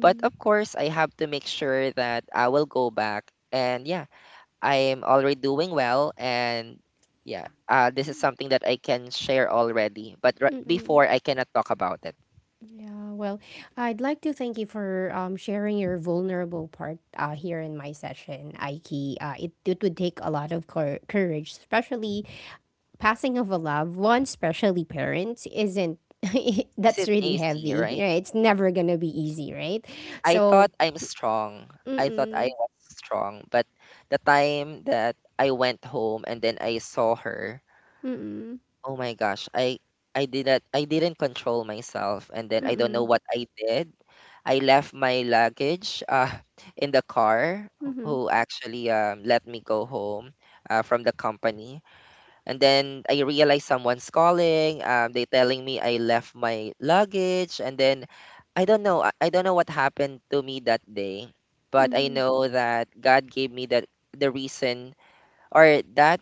B: But of course, I have to make sure that I will go back. And yeah, I am already doing well. And yeah, uh, this is something that I can share already. But r-
A: mm.
B: before, I cannot talk about it.
A: Yeah, well, I'd like to thank you for um, sharing your vulnerable part uh, here in my session, Aiki. Uh, it, it would take a lot of cour courage, especially passing of a loved one, especially parents, isn't
B: Is
A: that's
B: it
A: really
B: A C,
A: heavy,
B: right?
A: right? It's never gonna be easy, right?
B: I
A: So,
B: thought I'm strong. I thought I
A: mm-mm,
B: was strong. But the time that I went home and then I saw her,
A: mm-mm.
B: oh my gosh, I I didn't I didn't control myself, and then I don't know
A: Mm.
B: what I did. I left my luggage uh in the car,
A: Mhm.
B: who actually um let me go home uh, from the company, and then I realized someone's calling. Um, they telling me I left my luggage, and then I don't know, I I don't know what happened to me that day, but I
A: Mm,
B: know that God gave me that, the reason or that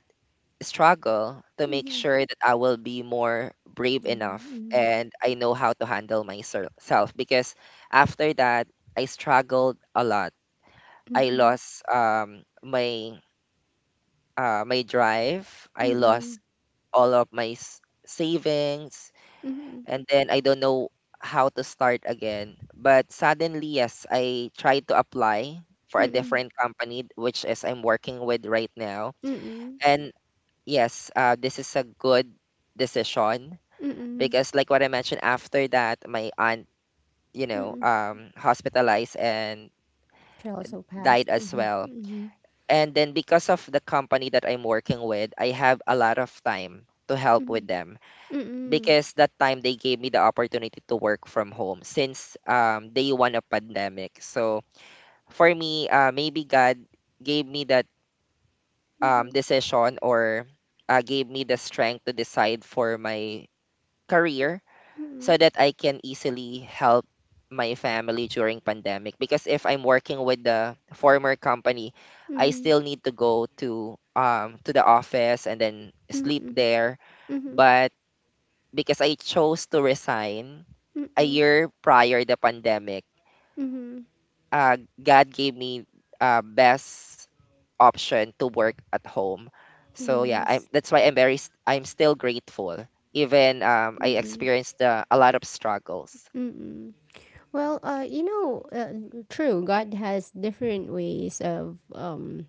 B: struggle, to make
A: mhm.
B: sure that I will be more brave enough
A: Mm,
B: and I know how to handle myself. Because after that I struggled a lot. I
A: mhm.
B: lost um my uh, my drive. I
A: Mm,
B: lost
A: mhm.
B: all of my s- savings,
A: Mm,
B: and then I don't know how to start again. But suddenly yes, I tried to apply for
A: mhm.
B: a
A: Mm.
B: different company which is I'm working with right now.
A: Mhm. Mm.
B: And yes, uh, this is a good decision,
A: Mm.
B: because, like what I mentioned, after that, my aunt, you
A: Mm.
B: know,
A: Mm.
B: um, hospitalized and
A: She also
B: died
A: passed.
B: as
A: Mhm.
B: well.
A: Mm,
B: And then because of the company that I'm working with, I have a lot of time to help with
A: mhm.
B: them,
A: Mm,
B: because that time they gave me the opportunity to work from home since um, day one of pandemic. So for me, uh, maybe God gave me that um,
A: mhm.
B: decision, or uh, gave me the strength to decide for my career,
A: Mm.
B: so that I can easily help my family during pandemic. Because if I'm working with the former company, I
A: Mhm.
B: still need to go to um to the office and then
A: Mm,
B: sleep
A: mhm.
B: there.
A: Mhm. Mm.
B: But because I chose to resign
A: Mhm.
B: a
A: Mm.
B: year prior the pandemic,
A: Mhm.
B: uh, God gave me uh, best option to work at home. So yeah, I'm
A: Yes.
B: that's why I'm very s- I'm still grateful. Even um, I
A: Mm.
B: experienced uh, a lot of struggles.
A: Mm. Well, uh, you know, uh, true. God has different ways of um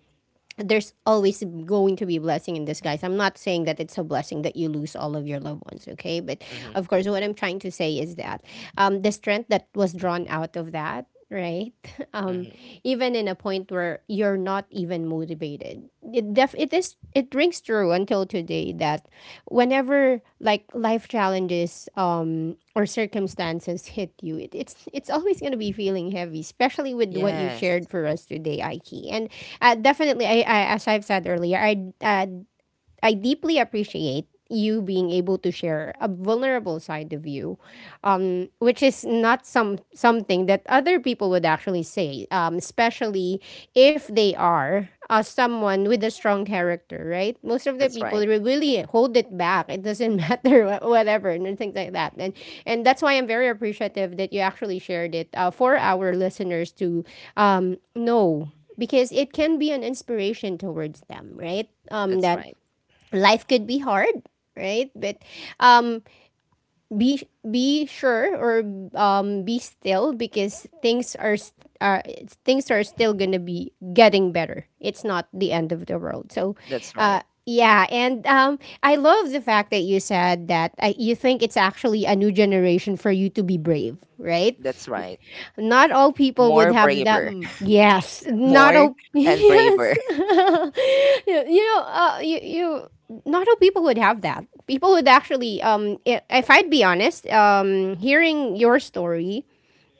A: there's always going to be a blessing in disguise. I'm not saying that it's a blessing that you lose all of your loved ones, okay? But
B: hmm
A: of course, what I'm trying to say is that um, the strength that was drawn out of that, right? Um, Even in a point where you're not even motivated, it def- it is it rings true until today that whenever like life challenges um or circumstances hit you, it, it's it's always going to be feeling heavy especially with what you
B: Yes,
A: shared for us today, Aiki, and uh, definitely I, I as I've said earlier, I uh, I deeply appreciate you being able to share a vulnerable side of you, um, which is not some something that other people would actually say, um, especially if they are uh, someone with a strong character, right? Most of the
B: that's
A: people
B: right.
A: will really hold it back. It doesn't matter, wha- whatever, and things like that. And and that's why I'm very appreciative that you actually shared it uh, for our listeners to um, know, because it can be an inspiration towards them, right? Um,
B: That's
A: that
B: right.
A: life could be hard, right? But um be be sure, or um be still, because things are s- are things are still gonna be getting better. It's not the end of the world. So
B: That's
A: uh
B: right.
A: yeah. And um I love the fact that you said that uh, you think it's actually a new generation for you to be brave, right?
B: That's right.
A: Not all people would
B: More
A: have that.
B: braver,
A: m- Yes, not
B: more
A: all.
B: and braver.
A: Yes, you you know, uh, you you. Not all people would have that. People would actually, um, i- if I'd be honest, um, hearing your story,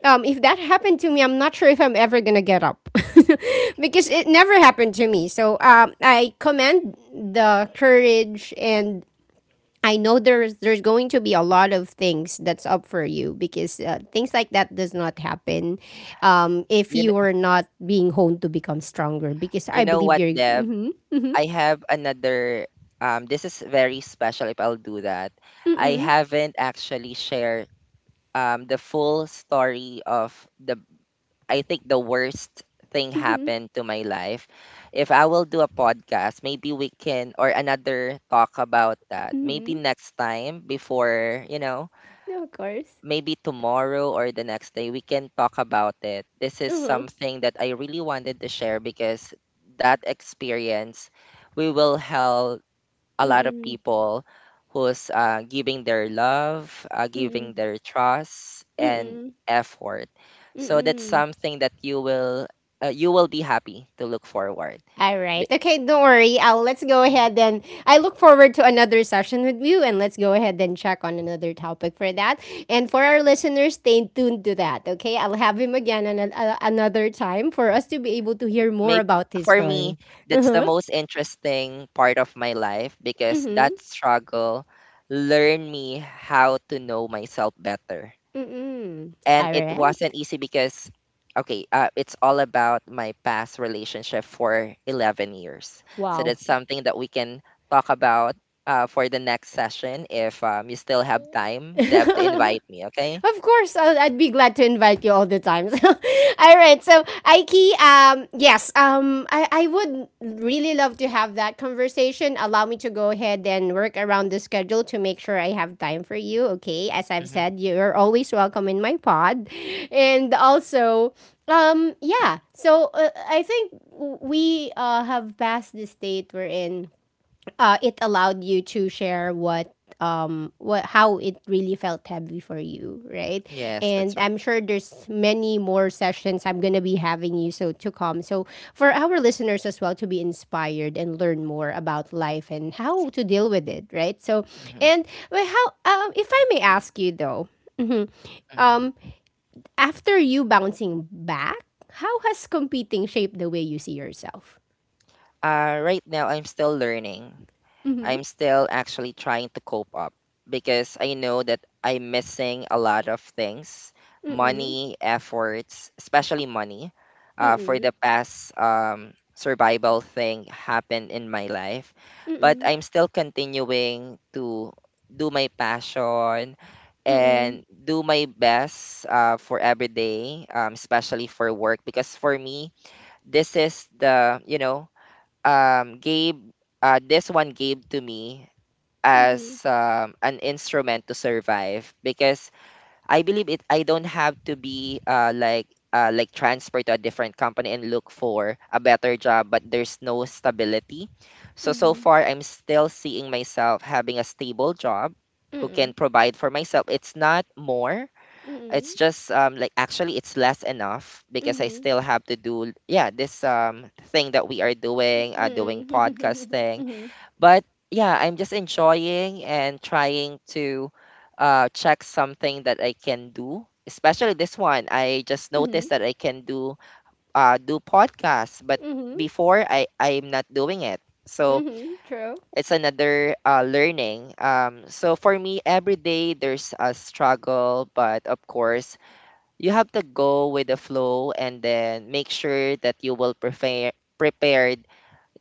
A: um, if that happened to me, I'm not sure if I'm ever gonna get up because it never happened to me. So, um, I commend the courage, and I know there's there's going to be a lot of things that's up for you because uh, things like that does not happen um, if
B: You know,
A: you are not being honed to become stronger. Because
B: you
A: I
B: know
A: believe
B: what,
A: you're.
B: Deb?
A: Mm-hmm,
B: I have another. Um, this is very special. If I'll do that, I
A: mm-mm,
B: haven't actually shared um the full story of the. I think the worst thing
A: mm-hmm,
B: happened to my life. If I will do a podcast, maybe we can or another talk about that. Maybe
A: mm-hmm.
B: next time, before you know,
A: No, of course.
B: maybe tomorrow or the next day we can talk about it. This is
A: Uh-huh.
B: something that I really wanted to share, because that experience we will help a lot of
A: Mm-mm,
B: people who's uh, giving their love, uh,
A: mm-mm,
B: giving their trust and
A: mm-mm,
B: effort. So that's
A: mm-mm.
B: something that you will, uh, you will be happy to look forward.
A: All right. Okay, don't worry. I'll, let's go ahead and I look forward to another session with you, and let's go ahead and check on another topic for that. And for our listeners, stay tuned to that. Okay, I'll have him again an, a, another time for us to be able to hear more
B: Maybe
A: about his
B: for me,
A: story. Uh
B: that's the
A: huh.
B: most interesting part of my life,
A: Mm
B: because
A: hmm.
B: that struggle learned me how to know myself better.
A: Mm hmm.
B: And
A: All
B: it
A: right.
B: wasn't easy because, okay, uh, it's all about my past relationship for eleven years. So
A: Wow.
B: that's something that we can talk about uh, for the next session. If um, you still have time, Deb, to invite me, okay?
A: Of course, I'll, I'd be glad to invite you all the time. All right. So, Aiki, um, yes, um, I, I would really love to have that conversation. Allow me to go ahead and work around the schedule to make sure I have time for you. Okay. As I've
B: hmm
A: said, you're always welcome in my pod. And also, um, yeah. So, uh, I think we uh, have passed the state we're in. Uh, it allowed you to share what um what how it really felt heavy for you, right?
B: Yes,
A: And
B: that's right.
A: I'm sure there's many more sessions I'm going to be having you so to come, so for our listeners as well to be inspired and learn more about life and how to deal with it, right? So
B: hmm
A: and well, how, um if I may ask you though, mhm, um
B: hmm
A: after you bouncing back, how has competing shaped the way you see yourself?
B: Uh, right now, I'm still learning.
A: Mm-hmm.
B: I'm still actually trying to cope up because I know that I'm missing a lot of things:
A: Mm-mm.
B: money, efforts, especially money. Uh, for
A: Mm-mm.
B: the past um, survival thing happened in my life, but
A: Mm-mm.
B: I'm still continuing to do my passion
A: Mm.
B: and do my best uh, for every day, um, especially for work. Because for me, this is the, you know, um, Gabe, uh, this one gave to me as
A: Mhm.
B: um, an instrument to survive, because I believe it. I don't have to be uh, like uh, like transfer to a different company and look for a better job, but there's no stability. So so
A: Mhm.
B: far I'm still seeing myself having a stable job who
A: Mm.
B: can provide for myself. It's not more, it's
A: Mm.
B: just um, like actually it's less enough, because I
A: Mhm.
B: still have to do, yeah, this um thing that we are doing, uh, doing
A: Mm.
B: podcasting,
A: Mhm.
B: but yeah, I'm just enjoying and trying to uh, check something that I can do. Especially this one, I just
A: Mhm.
B: noticed that I can do uh, do podcasts, but
A: Mhm.
B: before I I'm not doing it. So
A: Mhm. True.
B: it's another uh, learning. Um, so for me, every day there's a struggle, but of course you have to go with the flow and then make sure that you will prepare prepared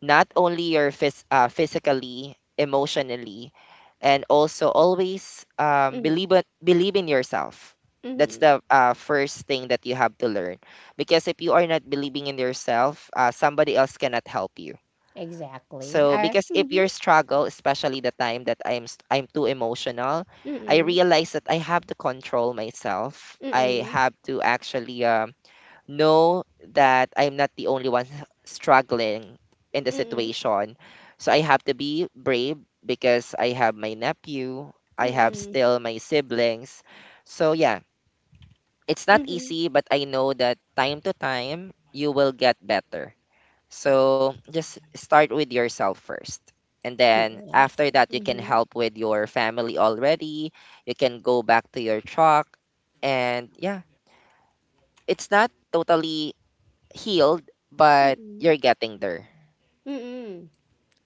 B: not only your phys- uh, physically, emotionally, and also always um,
A: Mhm.
B: believe in- believe in yourself. That's
A: Mhm.
B: the uh, first thing that you have to learn, because if you are not believing in yourself, uh, somebody else cannot help you.
A: Exactly.
B: So
A: Uh,
B: because if
A: mhm.
B: your struggle, especially the time that I'm s- I'm too emotional, I
A: Mm.
B: realize that I have to control myself. I
A: Mm.
B: have to actually um, know that I'm not the only one struggling in the
A: Mm.
B: situation. So I have to be brave because I have my nephew, I have
A: Mm.
B: still my siblings. So yeah, it's not
A: Mhm.
B: easy, but I know that time to time you will get better. So just start with yourself first. And then
A: Yes.
B: after that, you can
A: Mhm.
B: help with your family already. You can go back to your truck. And yeah, it's not totally healed, but
A: Mm.
B: you're getting there.
A: Mm.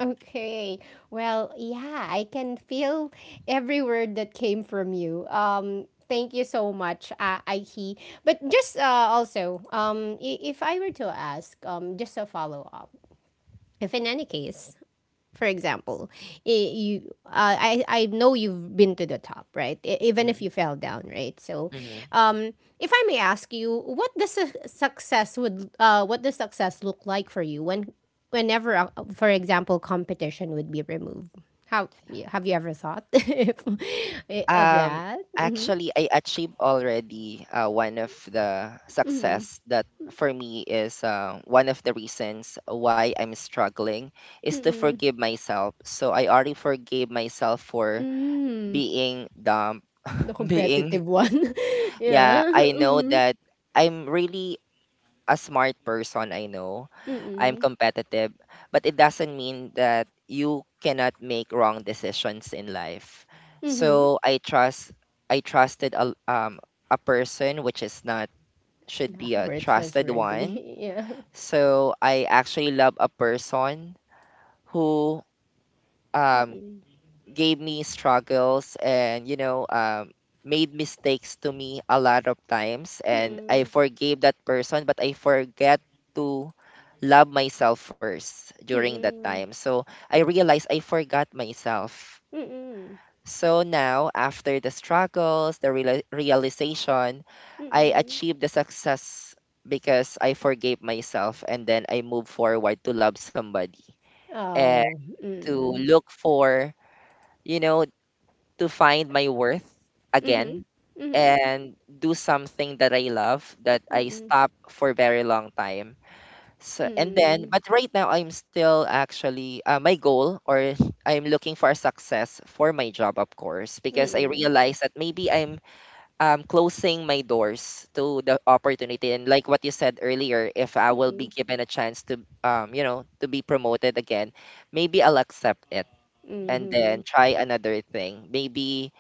A: Okay. Well, yeah, I can feel every word that came from you. Um, thank you so much, uh, Aiki. But just uh, also, um, i- if I were to ask, um, just a follow up. If in any case, for example, I- you uh, I I know you've been to the top, right? E- even if
B: Mhm,
A: you fell down, right? So,
B: mhm.
A: um, if I may ask you, what does su- success would uh, what does success look like for you when whenever, uh, for example, competition would be removed? How y- have you ever thought if, eh, of
B: Um,
A: that? Mm-hmm.
B: Actually, I achieved already uh, one of the
A: Mm-hmm.
B: success that for me is uh, one of the reasons why I'm struggling is to
A: Mm-hmm.
B: forgive myself. So I already forgave myself for
A: Mm-hmm.
B: being dumb,
A: The
B: being,
A: competitive one,
B: yeah.
A: yeah.
B: I know
A: Mm-hmm.
B: that I'm really a smart person, I know. I'm
A: Mm-hmm.
B: competitive, but it doesn't mean that you cannot make wrong decisions in life.
A: Mm-hmm.
B: So I trust I trusted a um a person which is not should
A: Yeah,
B: be a
A: we're
B: trusted
A: trustworthy.
B: one.
A: Yeah.
B: So I actually love a person who um
A: Mm-mm.
B: gave me struggles and, you know um, made mistakes to me a lot of times, and I
A: Mm-mm.
B: forgave that person, but I forget to love myself first during that
A: Mm-mm.
B: time. So I realized I forgot myself.
A: Mm-mm.
B: So now after the struggles, the reala- realization, I
A: Mm-mm.
B: achieved the success because I forgave myself, and then I move forward to love somebody and
A: Oh.
B: to
A: Mm-mm.
B: look for, you know, to find my worth
A: Mhm.
B: again
A: Mhm.
B: and do something that I love that I
A: Mm-mm.
B: stopped for a very long time. So and then,
A: Mm-mm.
B: but right now I'm still actually, uh, my goal, or I'm looking for a success for my job, of course, because I
A: Mm-mm.
B: realize that maybe I'm um, closing my doors to the opportunity, and like what you said earlier, if I will be
A: Mm-mm.
B: given a chance to, um you know to be promoted again, maybe I'll accept it and then
A: Mhm.
B: try another thing. Maybe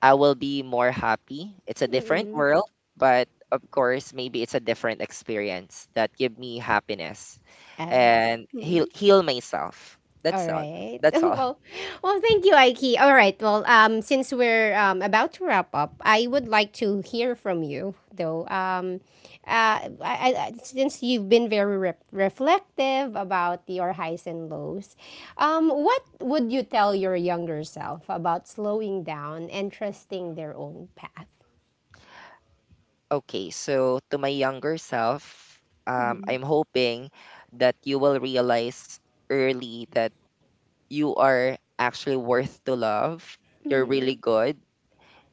B: I will be more happy. It's a different
A: Mm-mm.
B: world, but of course maybe it's a different experience that give me happiness
A: All right.
B: and heal heal myself.
A: All
B: That's all.
A: right.
B: That's all.
A: Well, well, thank you, Aiki. All right. Well, um, since we're um, about to wrap up, I would like to hear from you, though. Um, uh, I, I, since you've been very re- reflective about your highs and lows, um, what would you tell your younger self about slowing down and trusting their own path?
B: Okay, so to my younger self, um, I'm hoping that you will realize early that you are actually worth to love. You're
A: Mm-hmm.
B: really good,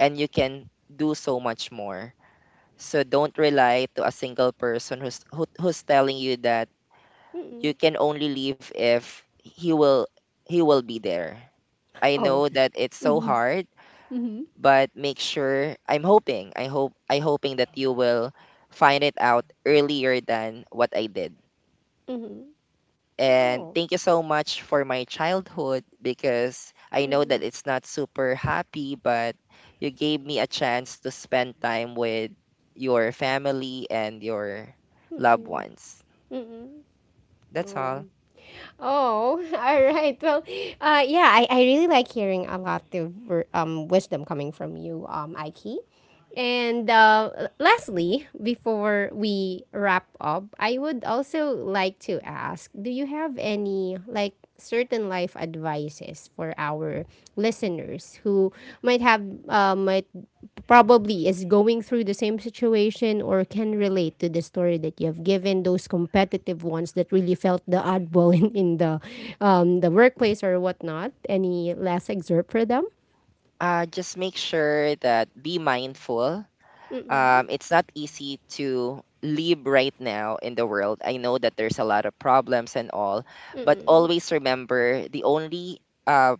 B: and you can do so much more. So don't rely to a single person who's who, who's telling you that you
A: Mm-mm.
B: can only leave if he will he will be there. I
A: Oh.
B: know that it's so
A: Mm-hmm.
B: hard,
A: Mm-hmm.
B: but make sure, I'm hoping I hope I hoping that you will find it out earlier than what I did.
A: Mm-hmm.
B: And
A: Oh.
B: thank you so much for my childhood, because I know that
A: Mm-mm.
B: it's not super happy, but you gave me a chance to spend time with your family and your loved
A: Mm-mm.
B: ones.
A: Mm-mm.
B: That's
A: Oh.
B: all.
A: Oh, all right. Well, uh, yeah, I, I really like hearing a lot of ver- um wisdom coming from you, um, Aiki. And uh, lastly, before we wrap up, I would also like to ask, do you have any like certain life advices for our listeners who might have, uh, might probably is going through the same situation or can relate to the story that you have given, those competitive ones that really felt the oddball in, in the, um, the workplace or whatnot? Any last excerpt for them?
B: Uh, just make sure that be mindful. Um, it's not easy to live right now in the world. I know that there's a lot of problems and all, but always remember the only uh,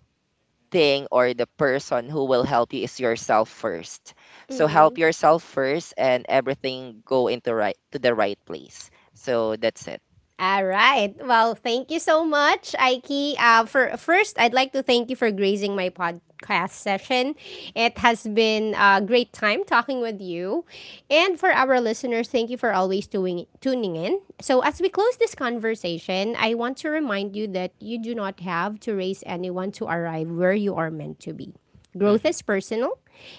B: thing, or the person who will help you is yourself first. So help yourself first, and everything go into right to the right place. So that's it.
A: All right. Well, thank you so much, Aiki. Uh, for first, I'd like to thank you for gracing my podcast session. It has been a great time talking with you, and for our listeners, thank you for always doing, tuning in. So, as we close this conversation, I want to remind you that you do not have to race anyone to arrive where you are meant to be. Growth
B: Hmm
A: is personal,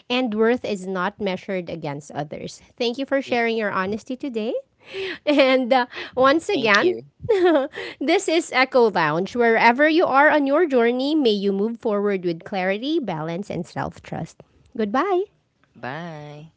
A: and worth is not measured against others. Thank you for sharing
B: Yes.
A: your honesty today. And uh, once
B: Thank
A: again,
B: you.
A: this is Echo Lounge. Wherever you are on your journey, may you move forward with clarity, balance, and self trust. Goodbye.
B: Bye.